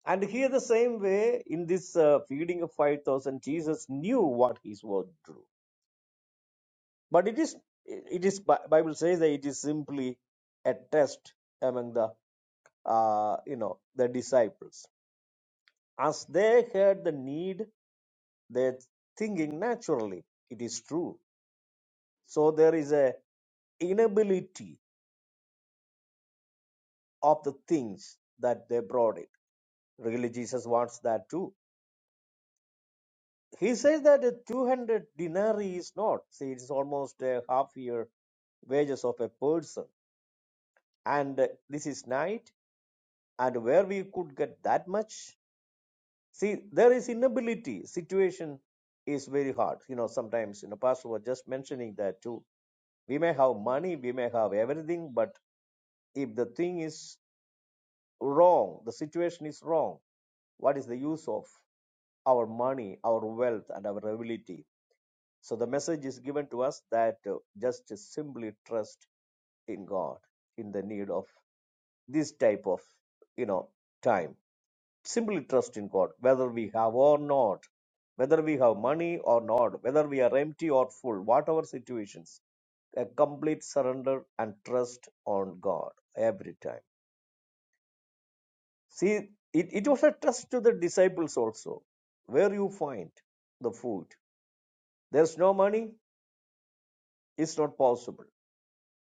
and here the same way in this uh, feeding of 5000 jesus knew what he was to do but it is it is bible says that it is simply a test among the uh, you know the disciples as they had the need they thinking naturally it is true so there is a inability of the things that they brought it really jesus wants that too he says that a 200 denarii is not see it is almost a half year wages of a person and uh, this is night and where we could get that much See, there is inability. Situation is very hard. You know, sometimes, you know, Pastor was just mentioning that too. We may have money, we may have everything, but if the thing is wrong, the situation is wrong, what is the use of our money, our wealth, and our ability? So the message is given to us that uh, just simply trust in God in the need of this type of, you know, time. Simply trust in God, whether we have or not, whether we have money or not, whether we are empty or full, whatever situations, a complete surrender and trust on God every time. See, it, it was a trust to the disciples also. Where you find the food, there's no money, it's not possible.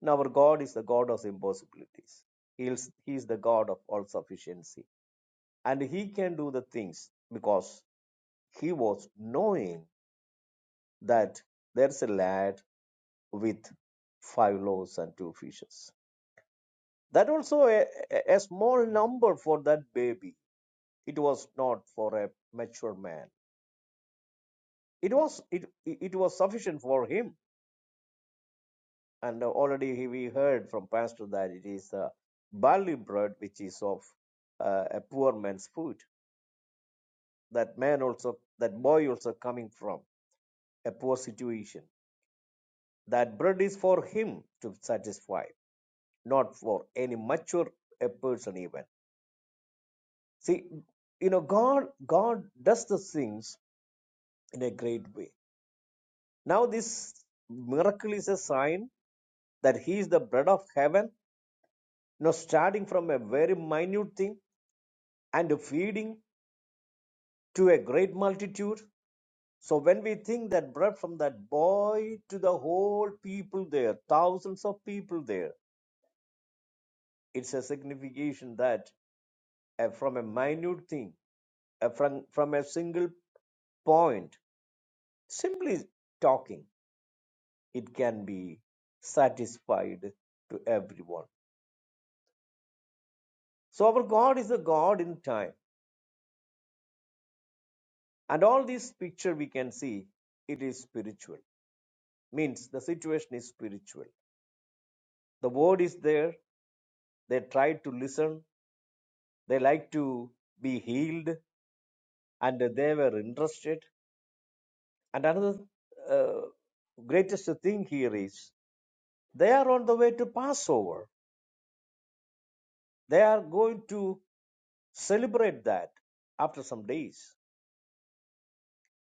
And our God is the God of impossibilities. He's, he is the God of all sufficiency. And He can do the things because He was knowing that there's a lad with five loaves and two fishes. That also a, a small number for that baby. It was not for a mature man. It was it it was sufficient for him. And already we heard from pastor that it is a barley bread which is of uh, a poor man's food. That man also that boy also coming from a poor situation. That bread is for him to satisfy not for any mature a person even see you know god god does the things in a great way now this miracle is a sign that he is the bread of heaven you know starting from a very minute thing and feeding to a great multitude so when we think that bread from that boy to the whole people there thousands of people there it's a signification that uh, from a minute thing uh, from from a single point Simply talking, it can be satisfied to everyone. So our God is a God in time. And all this picture we can see, it is spiritual. Means the situation is spiritual. The word is there. They tried to listen. They like to be healed. And they were interested. And another uh, greatest thing here is they are on the way to Passover. They are going to celebrate that after some days.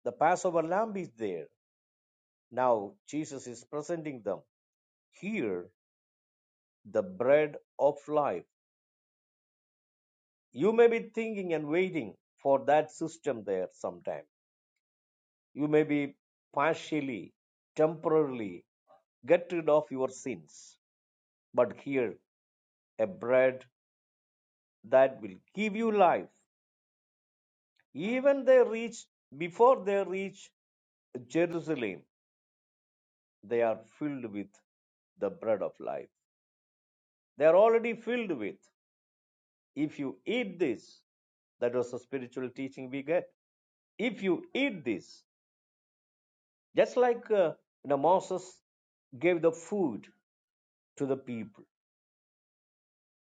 The Passover lamb is there. Now Jesus is presenting them. Here, the bread of life. You may be thinking and waiting for that system there sometime. You may be partially, temporarily get rid of your sins. But here, a bread that will give you life. Even they reach, before they reach Jerusalem, they are filled with the bread of life. They are already filled with. If you eat this, that was the spiritual teaching we get. If you eat this, just like uh, you know, Moses gave the food to the people,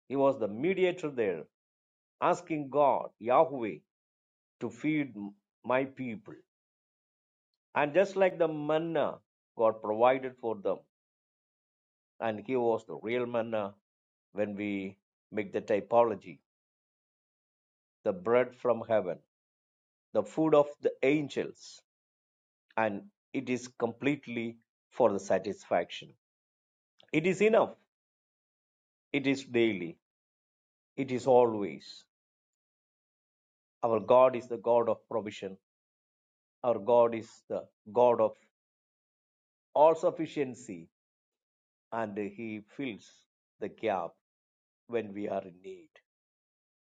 he was the mediator there, asking God, Yahweh, to feed my people. And just like the manna, God provided for them, and he was the real manna when we make the typology, the bread from heaven, the food of the angels. and it is completely for the satisfaction. It is enough. It is daily. It is always. Our God is the God of provision. Our God is the God of all sufficiency, and He fills the gap when we are in need.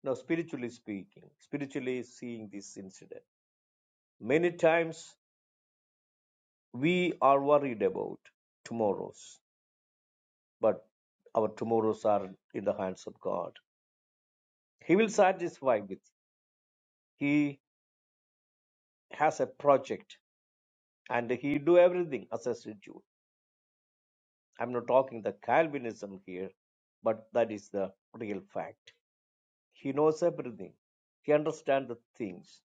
Now, spiritually speaking, spiritually seeing this incident, many times we are worried about tomorrows, but our tomorrows are in the hands of God. He will satisfy with He has a project and he do everything as a schedule. I'm not talking the Calvinism here, but that is the real fact. He knows everything. He understands the things.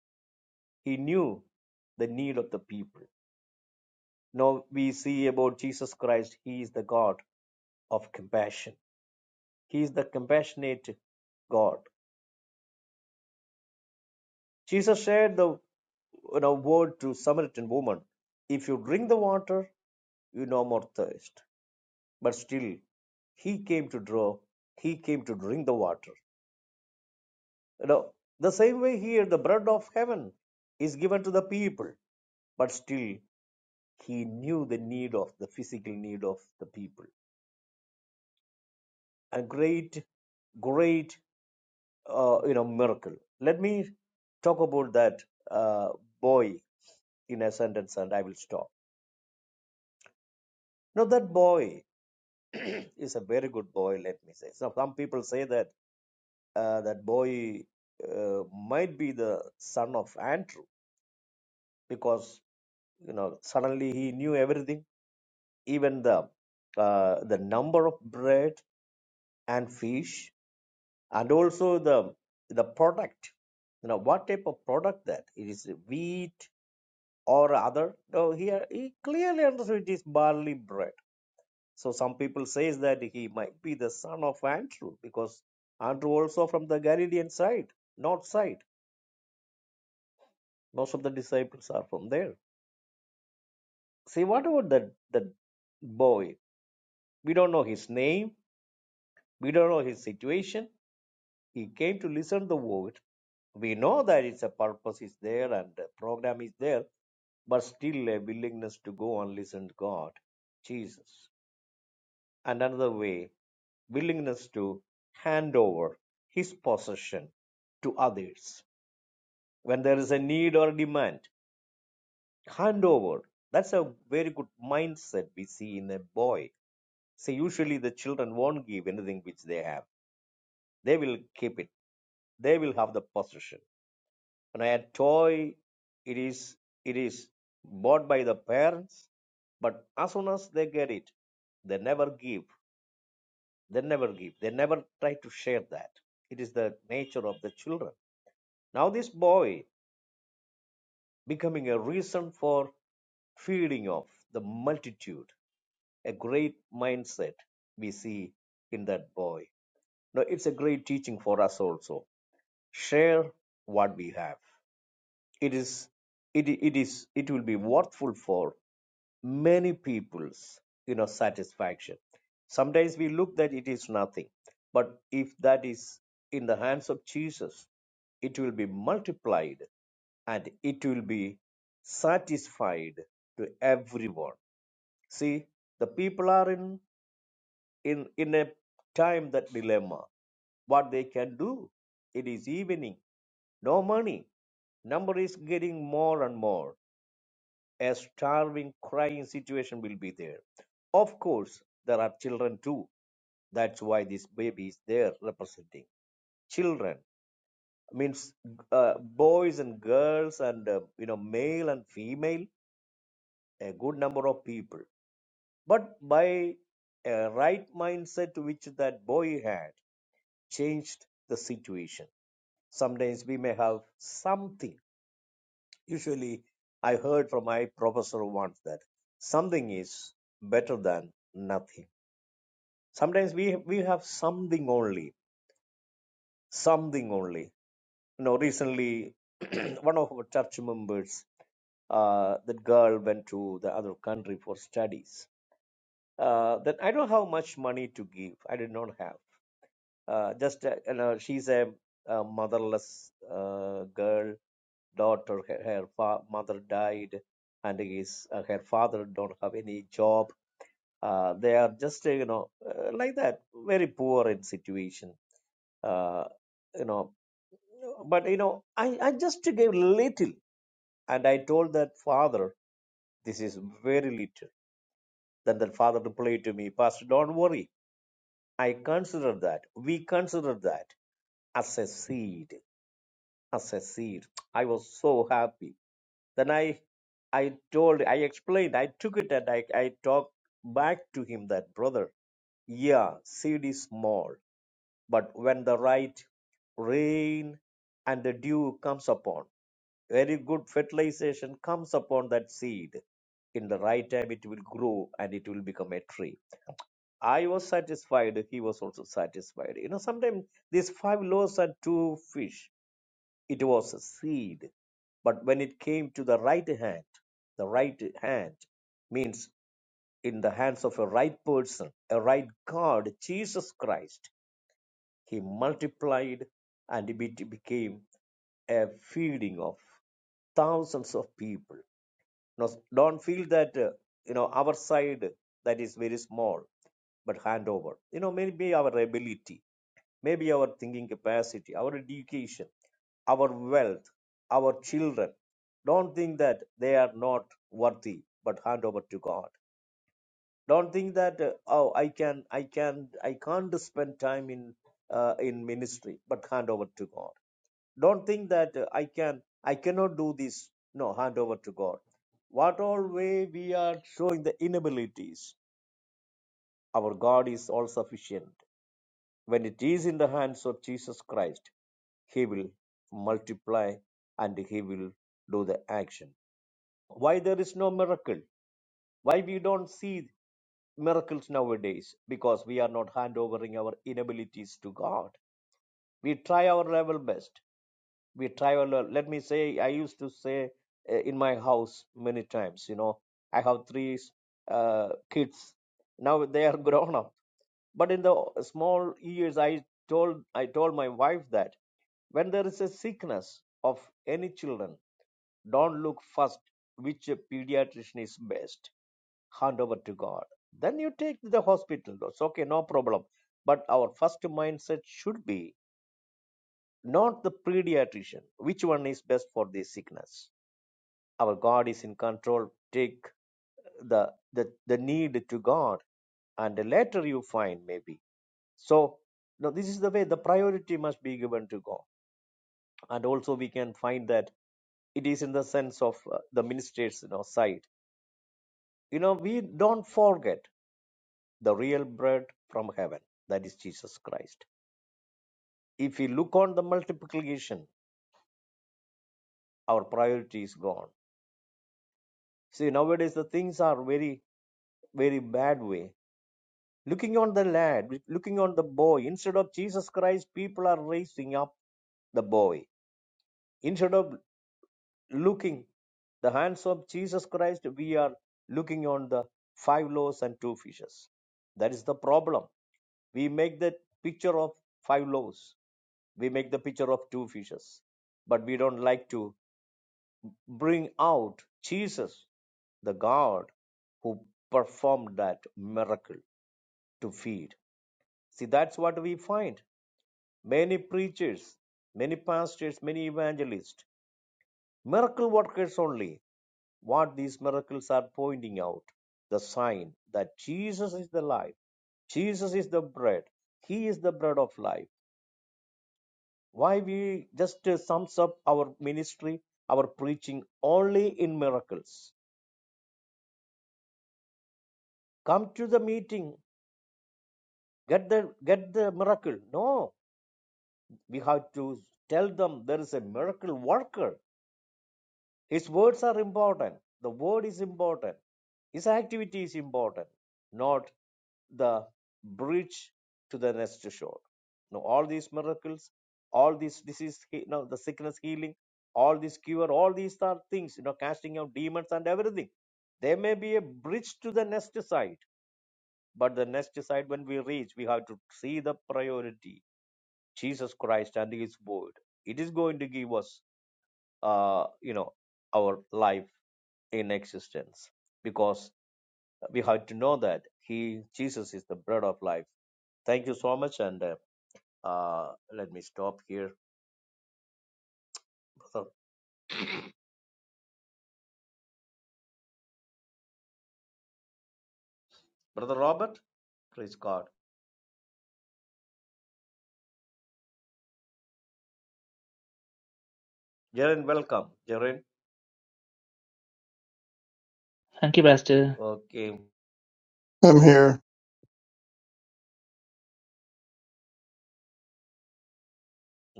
He knew the need of the people. Now we see about Jesus Christ, he is the God of compassion. He is the compassionate God. Jesus shared the you know, word to Samaritan woman, if you drink the water, you no more thirst. but still he came to draw, he came to drink the water. You know, the same way here, the bread of heaven is given to the people, but still he knew the need of the physical need of the people. A great, great, uh, you know, miracle. Let me talk about that uh, boy in a sentence, and I will stop. Now that boy is a very good boy. Let me say. So some people say that uh, that boy uh, might be the son of Andrew because you know suddenly he knew everything, even the uh, the number of bread and fish, and also the the product. You know what type of product that it is wheat or other. No, here he clearly understood it is barley bread. So some people says that he might be the son of Andrew because Andrew also from the Galilean side, north side. Most of the disciples are from there See, what about the the boy? We don't know his name. We don't know his situation. He came to listen to the word. We know that it's a purpose is there and the program is there, but still a willingness to go and listen to God, Jesus. And another way, willingness to hand over his possession to others. When there is a need or demand, hand over. That's a very good mindset we see in a boy See, usually the children won't give anything which they have. They will keep it. They will have the possession. When a toy, it is it is bought by the parents, but as soon as they get it, they never give. They never give. They never try to share that. It is the nature of the children. Now this boy becoming a reason for feeding of the multitude, a great mindset we see in that boy. Now it's a great teaching for us also Share what we have. It is it it is it will be worthful for many people's you know satisfaction. Sometimes we look that it is nothing, but if that is in the hands of Jesus, it will be multiplied and it will be satisfied to everyone. See, the people are in, in, in a time that dilemma. What they can do? It is evening. No money. Number is getting more and more. A starving, crying situation will be there. Of course, there are children too. That's why this baby is there representing children. Means uh, boys and girls and uh, you know male and female, a good number of people. But by a right mindset which that boy had changed the situation. Sometimes we may have something Usually, I heard from my professor once that something is better than nothing. Sometimes we, we have something only, something only. You know, recently, one of our church members, uh, that girl went to the other country for studies. Uh, then I don't have much money to give. I did not have. Uh, just, uh, you know, she's a, a motherless uh, girl daughter her, her fa- mother died and his uh, her father don't have any job uh, they are just uh, you know uh, like that very poor in situation uh, you know but you know I, I just gave little and i told that father this is very little then the father replied to me pastor don't worry i consider that we consider that as a seed as a seed. I was so happy. Then I I told I explained, I took it and I, I talked back to him that brother, yeah, seed is small, but when the right rain and the dew comes upon, very good fertilization comes upon that seed. In the right time it will grow and it will become a tree. I was satisfied, he was also satisfied. You know, sometimes these five loaves and two fish it was a seed. But when it came to the right hand, the right hand means in the hands of a right person, a right God, Jesus Christ, he multiplied and it became a feeding of thousands of people. Now, don't feel that, uh, you know, our side that is very small, but hand over. You know, maybe our ability maybe our thinking capacity, our education, our wealth, our children. Don't think that they are not worthy, but hand over to God. Don't think that uh, oh I can I can I can't spend time in uh, in ministry, but hand over to God. Don't think that uh, I can I cannot do this. No, hand over to God. What all way we are showing the inabilities, our God is all sufficient. When it is in the hands of Jesus Christ, He will multiply and He will do the action. Why there is no miracle? Why we don't see miracles nowadays? Because we are not hand overing our inabilities to God. We try our level best we travel a- let me say i used to say uh, in my house many times you know i have three uh, kids now they are grown up but in the small years i told i told my wife that when there is a sickness of any children don't look first which pediatrician is best hand over to god then you take to the hospital that's okay no problem but our first mindset should be not the pediatrician. Which one is best for this sickness? Our God is in control. Take the the, the need to God, and later you find maybe. So no, this is the way the priority must be given to God, and also we can find that it is in the sense of uh, the minister's you know, side. You know, we don't forget the real bread from heaven, that is Jesus Christ. If we look on the multiplication, our priority is gone. See, nowadays the things are very very bad way. Looking on the lad, looking on the boy, instead of Jesus Christ, people are raising up the boy. Instead of looking the hands of Jesus Christ, we are looking on the five loaves and two fishes. That is the problem. We make the picture of five loaves, we make the picture of two fishes, but we don't like to bring out Jesus, the God who performed that miracle to feed. See, that's what we find. Many preachers, many pastors, many evangelists, miracle workers only. What these miracles are pointing out the sign that Jesus is the life, Jesus is the bread, He is the bread of life. Why we just uh, sums up our ministry, our preaching only in miracles. Come to the meeting, get the get the miracle. No, we have to tell them there is a miracle worker His words are important. The word is important. His activity is important, not the bridge to the next shore. Now, all these miracles, all these disease, you know, the sickness healing, all this cure, all these are things, you know, casting out demons and everything. There may be a bridge to the next side, but the next side, when we reach, we have to see the priority Jesus Christ and His Word. It is going to give us, uh, you know, our life in existence because we have to know that he jesus is the bread of life thank you so much and uh, uh, let me stop here brother, brother robert praise god jaren welcome jaren Thank you, Pastor. okay I'm here.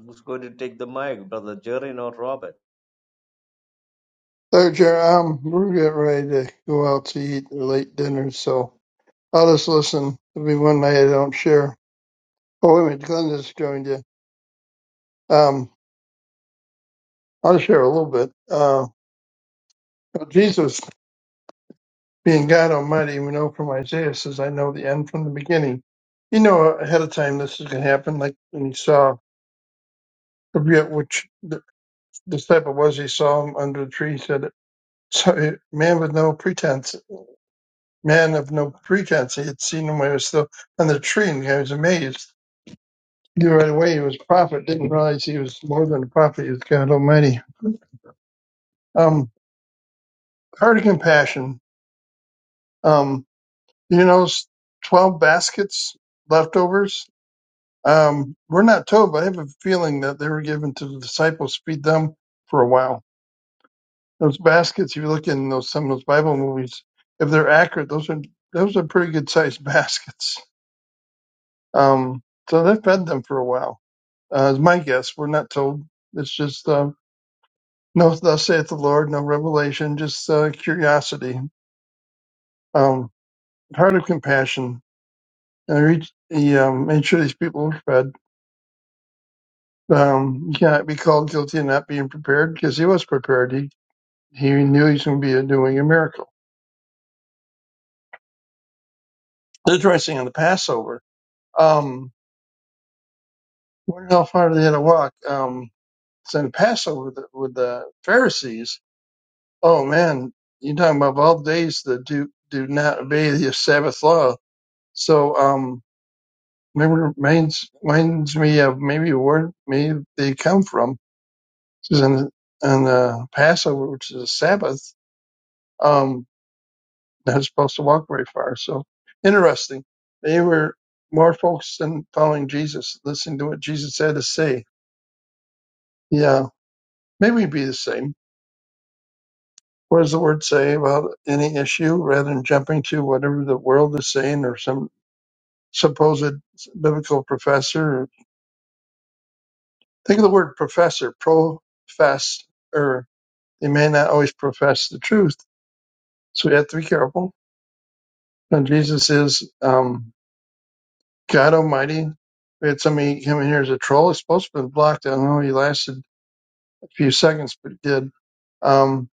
who's going to take the mic brother jaren or robert So, Jer, um, we're getting ready to go out to eat a late dinner, so I'll just listen. It'll be one night I don't share. Oh, wait a minute, Glenn just joined you. Um, I'll share a little bit. Uh, Jesus Being God Almighty, we know from Isaiah says, I know the end from the beginning. You know ahead of time this is going to happen, like when he saw, I forget which the disciple was, he saw him under the tree, he said, so eh, man with no pretense, man of no pretense, he had seen him when he was still on the tree, and he was amazed. He knew right away he was a prophet, didn't realize he was more than a prophet, he was God Almighty. Um, heart of compassion. Um, you know, 12 baskets, leftovers. Um, we're not told, but I have a feeling that they were given to the disciples to feed them for a while. Those baskets, if you look in those some of those Bible movies, if they're accurate, those are those are pretty good sized baskets. Um, so they fed them for a while. Uh, is my guess. We're not told. It's just uh, no, thus saith the Lord, no revelation, just uh, curiosity, um, heart of compassion. And reach, he um, made sure these people were fed. Um, you cannot be called guilty of not being prepared because he was prepared. He He knew he was going to be doing a miracle. Interesting on the Passover. Um, where how far did they had to walk? Um, it's in the Passover with the, with the Pharisees. Oh man, you're talking about of all days that do do not obey the Sabbath law. So um, maybe reminds reminds me of maybe where maybe they come from. This is in on the Passover, which is a Sabbath. Um. not supposed to walk very far. So interesting. They were more focused on following Jesus, listening to what Jesus had to say. Yeah, maybe be the same. What does the word say about any issue rather than jumping to whatever the world is saying or some supposed biblical professor? Think of the word professor, profess, or they may not always profess the truth. So we have to be careful. And Jesus is, um, God Almighty, we had somebody come in here as a troll. It's supposed to have been blocked. I don't know. He lasted a few seconds, but he did. Um,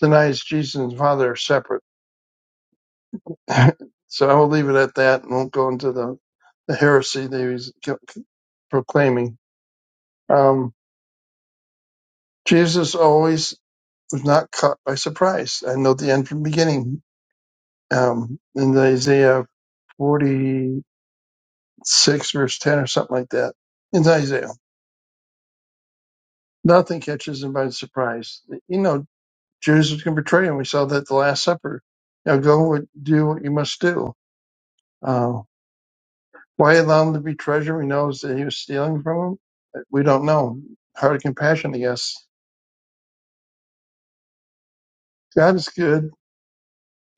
denies Jesus and the Father are separate. so I will leave it at that and won't go into the, the heresy that he was co- proclaiming. Um, Jesus always was not caught by surprise. I know the end from the beginning. Um, in Isaiah 46, verse 10 or something like that. In Isaiah, nothing catches him by surprise. You know Jesus can betray him. We saw that at the Last Supper. Now go and do what you must do. Uh, why allow him to be treasured? He knows that he was stealing from him. We don't know. Heart of compassion, I guess. God is good.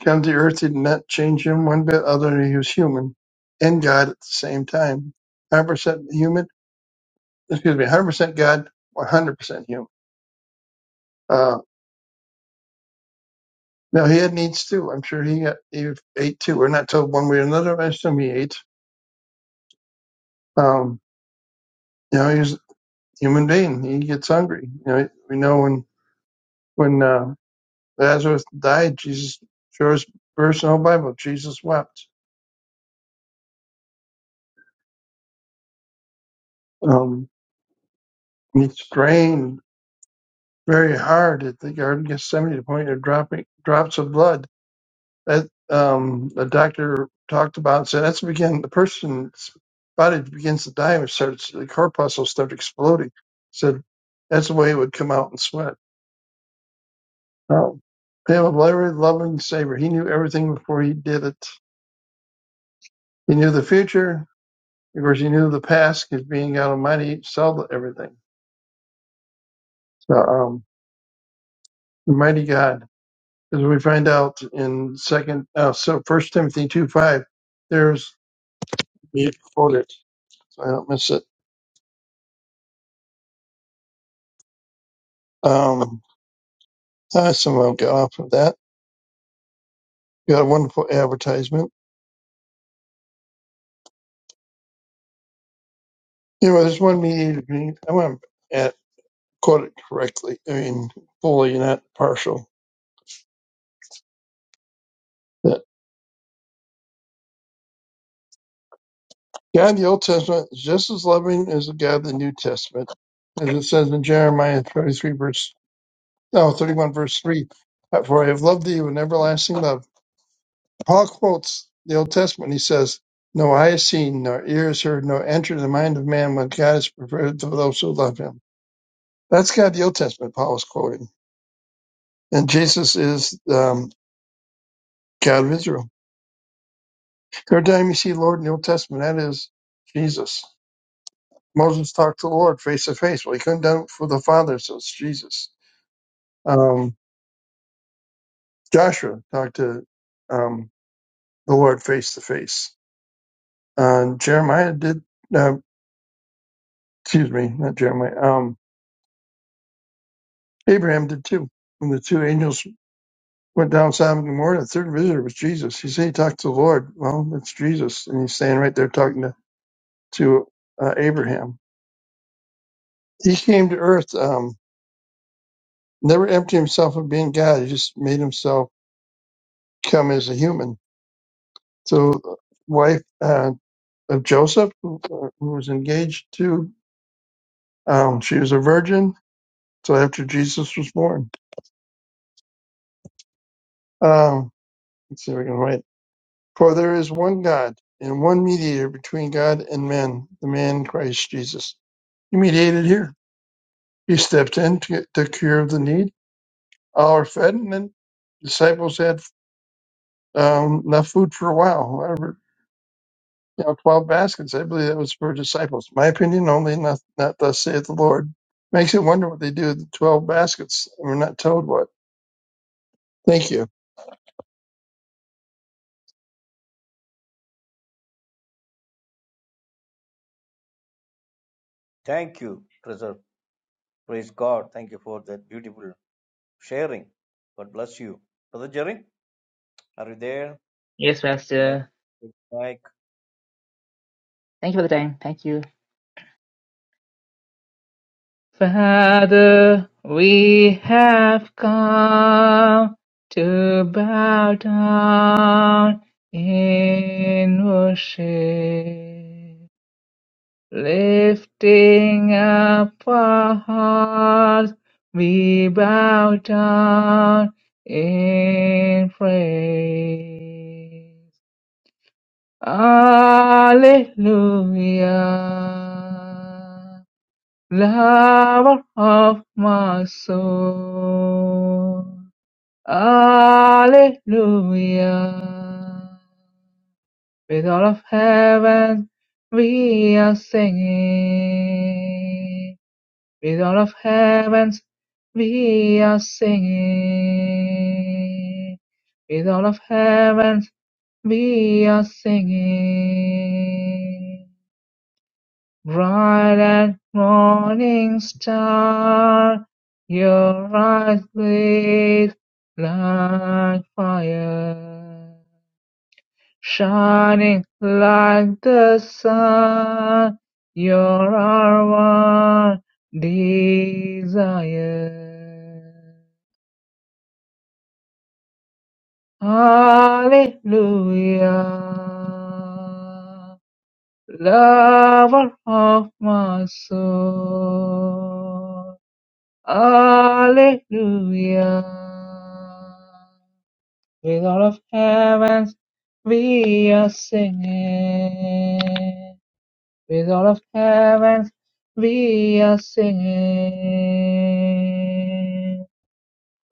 Come to earth, he did not change him one bit other than he was human and God at the same time. 100% human, excuse me, 100% God, 100% human. Uh, now he had needs too. I'm sure he, got, he ate too. We're not told one way or another. I assume he ate. Um, you know, he was. human being. He gets hungry. You know, we know when when uh, Lazarus died, Jesus shows verse in the whole Bible. Jesus wept. Um, he strained very hard at the Garden of Gethsemane to the point of dropping drops of blood. That um, the doctor talked about and said that's the begin the person's body begins to die and starts the corpuscle starts exploding. Said that's the way it would come out in sweat. Um, they have a very loving Savior. He knew everything before he did it He knew the future. Of course, he knew the past because being God Almighty saw everything. So, um, mighty God, as we find out in second, uh, so First Timothy two five, there's you quote it, so I don't miss it. Um, I somehow got off of that. Got a wonderful advertisement. You know, there's one mediator. I want to quote it correctly. I mean, fully, not partial. God in the Old Testament is just as loving as the God of the New Testament, as it says in Jeremiah 33 verse, no, 31 verse 3, for I have loved thee with an everlasting love. Paul quotes the Old Testament. He says, no eye has seen, nor ear has heard, nor entered the mind of man what God has prepared for those who love him. That's God, the Old Testament, Paul is quoting. And Jesus is um, God of Israel. Every time you see Lord in the Old Testament, that is Jesus. Moses talked to the Lord face to face. Well, he couldn't do it for the Father, so it's Jesus. Um, Joshua talked to um, the Lord face to face. Uh, Jeremiah did, uh, excuse me, not Jeremiah, um, Abraham did too. When the two angels went down Sabbath in the morning, the third visitor was Jesus. He said he talked to the Lord. Well, that's Jesus. And he's standing right there talking to, to uh, Abraham. He came to earth, um, never emptied himself of being God. He just made himself come as a human So, uh, wife uh, of Joseph, who, uh, who was engaged to, um, she was a virgin So after Jesus was born. Um, let's see if I can write. For there is one God and one mediator between God and men, the man Christ Jesus. He mediated here. He stepped in to, to cure the need. All are fed, and then disciples had um, enough food for a while, You know, twelve baskets. I believe that was for disciples. My opinion only, not not thus saith the Lord. Makes you wonder what they do with the twelve baskets. We're not told what. Thank you. thank you brother praise god thank you for that beautiful sharing god bless you brother jaren are you there Yes, yes Pastor. take the mic Thank you for the time. Thank you. Father, we have come to bow down in worship, lifting up our hearts, we bow down in praise. Hallelujah, lover of my soul. Hallelujah, with all of heaven we are singing. With all of heavens we are singing. With all of heavens we are singing. Bright and morning star, your eyes blaze like fire. Shining like the sun, you're our one desire. Hallelujah, lover of my soul. Hallelujah, with all of heavens we are singing. with all of heaven we are singing.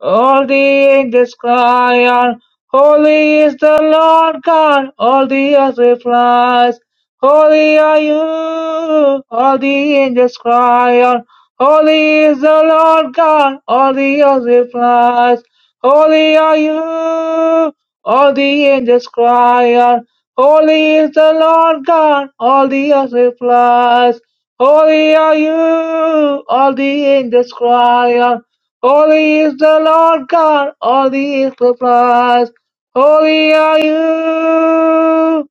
All the angels cry out, Holy is the Lord God. All the earth replies, Holy are you. All the angels cry out, Holy is the Lord God. All the earth replies, Holy are you. All the angels cry out, Holy is the Lord God. All the earth replies, Holy are you. All the angels cry out, Holy is the Lord God, all the earth replies, Holy are you.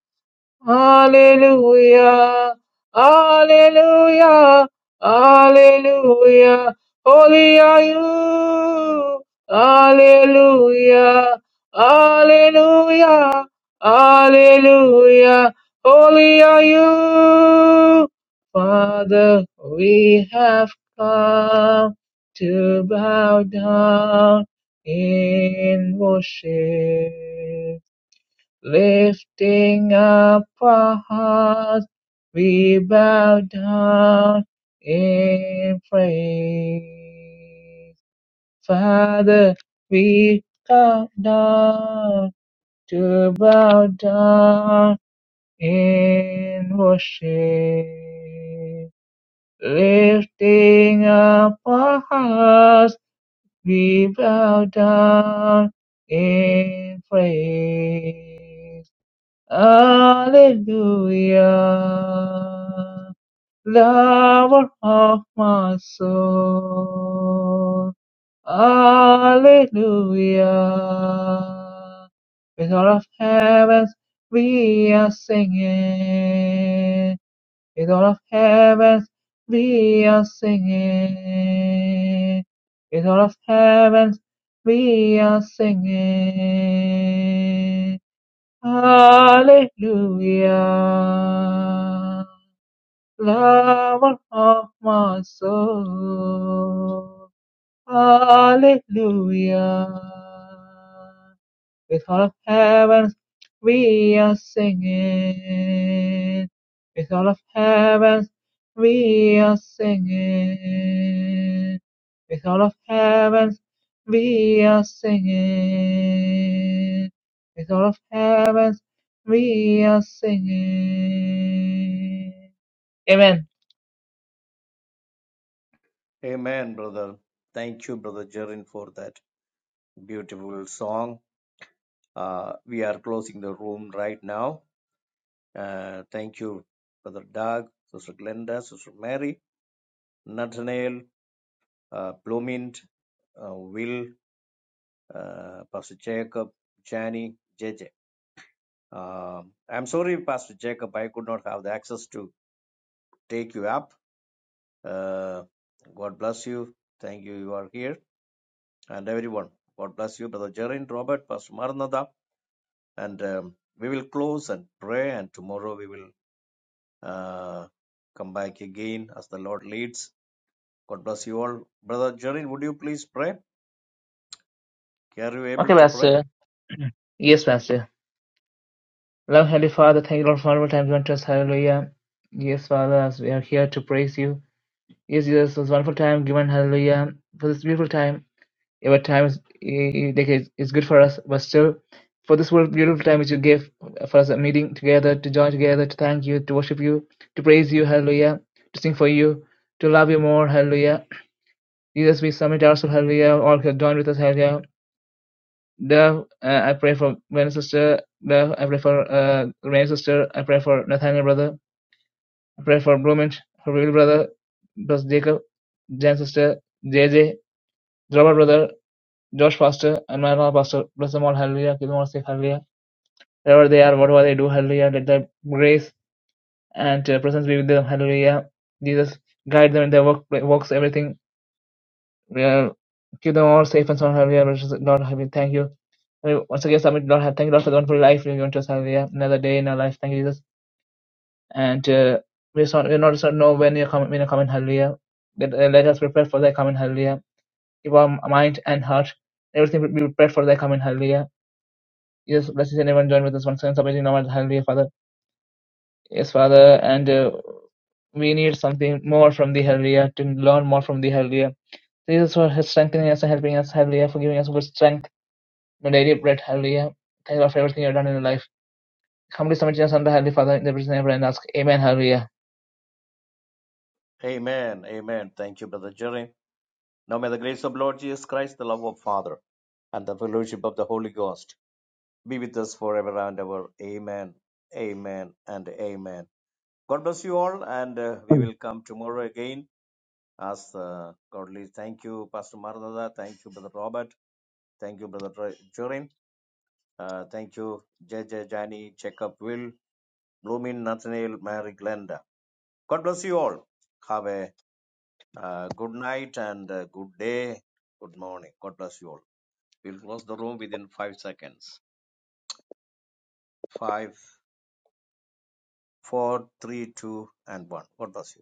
Hallelujah, hallelujah, hallelujah. Holy are you. Hallelujah, hallelujah, hallelujah. Holy are you. Father, we have come to bow down in worship. Lifting up our hearts, we bow down in praise. Father, we come down to bow down in worship. Lifting up our hearts, we bow down in praise. Hallelujah, lover of my soul. Hallelujah, with all of heavens we are singing. With all of heavens we are singing. With all of heavens we are singing. Hallelujah, lover of my soul. Hallelujah, with all of heaven, we are singing. With all of heaven, we are singing. With all of heaven, we are singing. With all of heaven, we are singing. Amen. amen brother thank you brother jaren for that beautiful song Uh, we are closing the room right now. Uh, thank you, Brother Doug, Sister Glenda, Sister Mary, Nathaniel, uh, Bloomint, uh, Will, uh, Pastor Jacob, Jani, JJ. Um, I'm sorry, Pastor Jacob, I could not have the access to take you up. Uh, God bless you. Thank you, you are here. And everyone, God bless you, Brother Jerin, Robert, Pastor Maranatha. And um, we will close and pray, and tomorrow we will uh, come back again as the Lord leads. God bless you all. Brother Jerin, would you please pray? Are you Okay, able to pray? Pastor. Yes, Pastor. Love, Heavenly Father, thank you, Lord, for all the time you want us. Hallelujah. Yes, Father, as we are here to praise you. Yes, yes, it's wonderful time given, hallelujah, for this beautiful time. Every time is i- i- like it's good for us, but still, for this world, beautiful time which you gave for us, a meeting together, to join together, to thank you, to worship you, to praise you, hallelujah, to sing for you, to love you more, hallelujah. Jesus, we submit ourselves, hallelujah, all who have joined with us, hallelujah. Love, uh, I pray for my sister, love, I pray for uh, Renee sister, I pray for Nathaniel brother, I pray for Bloomint, her real brother, plus Jacob, Jan sister, J J. Robert brother Josh Foster and my Maranatha Pastor bless them all, hallelujah, keep them all safe, hallelujah. Wherever they are, whatever they do, hallelujah, let their grace and uh, presence be with them, hallelujah. Jesus, guide them in their work, works, everything. Uh, keep them all safe and sound, hallelujah. Precious Lord, we thank you. We Once again, submit, Lord, thank you, Lord, for the wonderful life you've given to us, hallelujah. Another day in our life, thank you, Jesus. And uh, we just want, we not just want to know when you come, when you come in, hallelujah. Let, uh, let us prepare for thy coming, hallelujah. Keep our mind and heart, everything be prepared for thy coming, hallelujah Yes, please anyone join with us once again, submitting our Hallelujah, Father. Yes, Father, and uh, we need something more from the Hallelujah to learn more from the Hallelujah. Jesus for his strengthening us and helping us, Hallelujah, for giving us good strength, the daily bread, Hallelujah. Thank you for everything you've done in your life. Humbly submit us under Hallelujah, Father, in the presence of and ask, Amen, Hallelujah. Amen. Amen. Thank you, Brother Jerin. Now may the grace of Lord Jesus Christ, the love of Father, and the fellowship of the Holy Ghost be with us forever and ever. Amen. Amen and amen. God bless you all, and uh, we will come tomorrow again as uh, God leads. Thank you, Pastor Maranatha. Thank you, Brother Robert. Thank you, Brother Jorin. Uh, thank you, J JJ, Jani, Checkup, Will. Blooming Nathaniel, Mary Glenda. God bless you all. Have a uh, good night and a good day. Good morning. God bless you all. We'll close the room within five seconds. Five, four, three, two, and one. God bless you.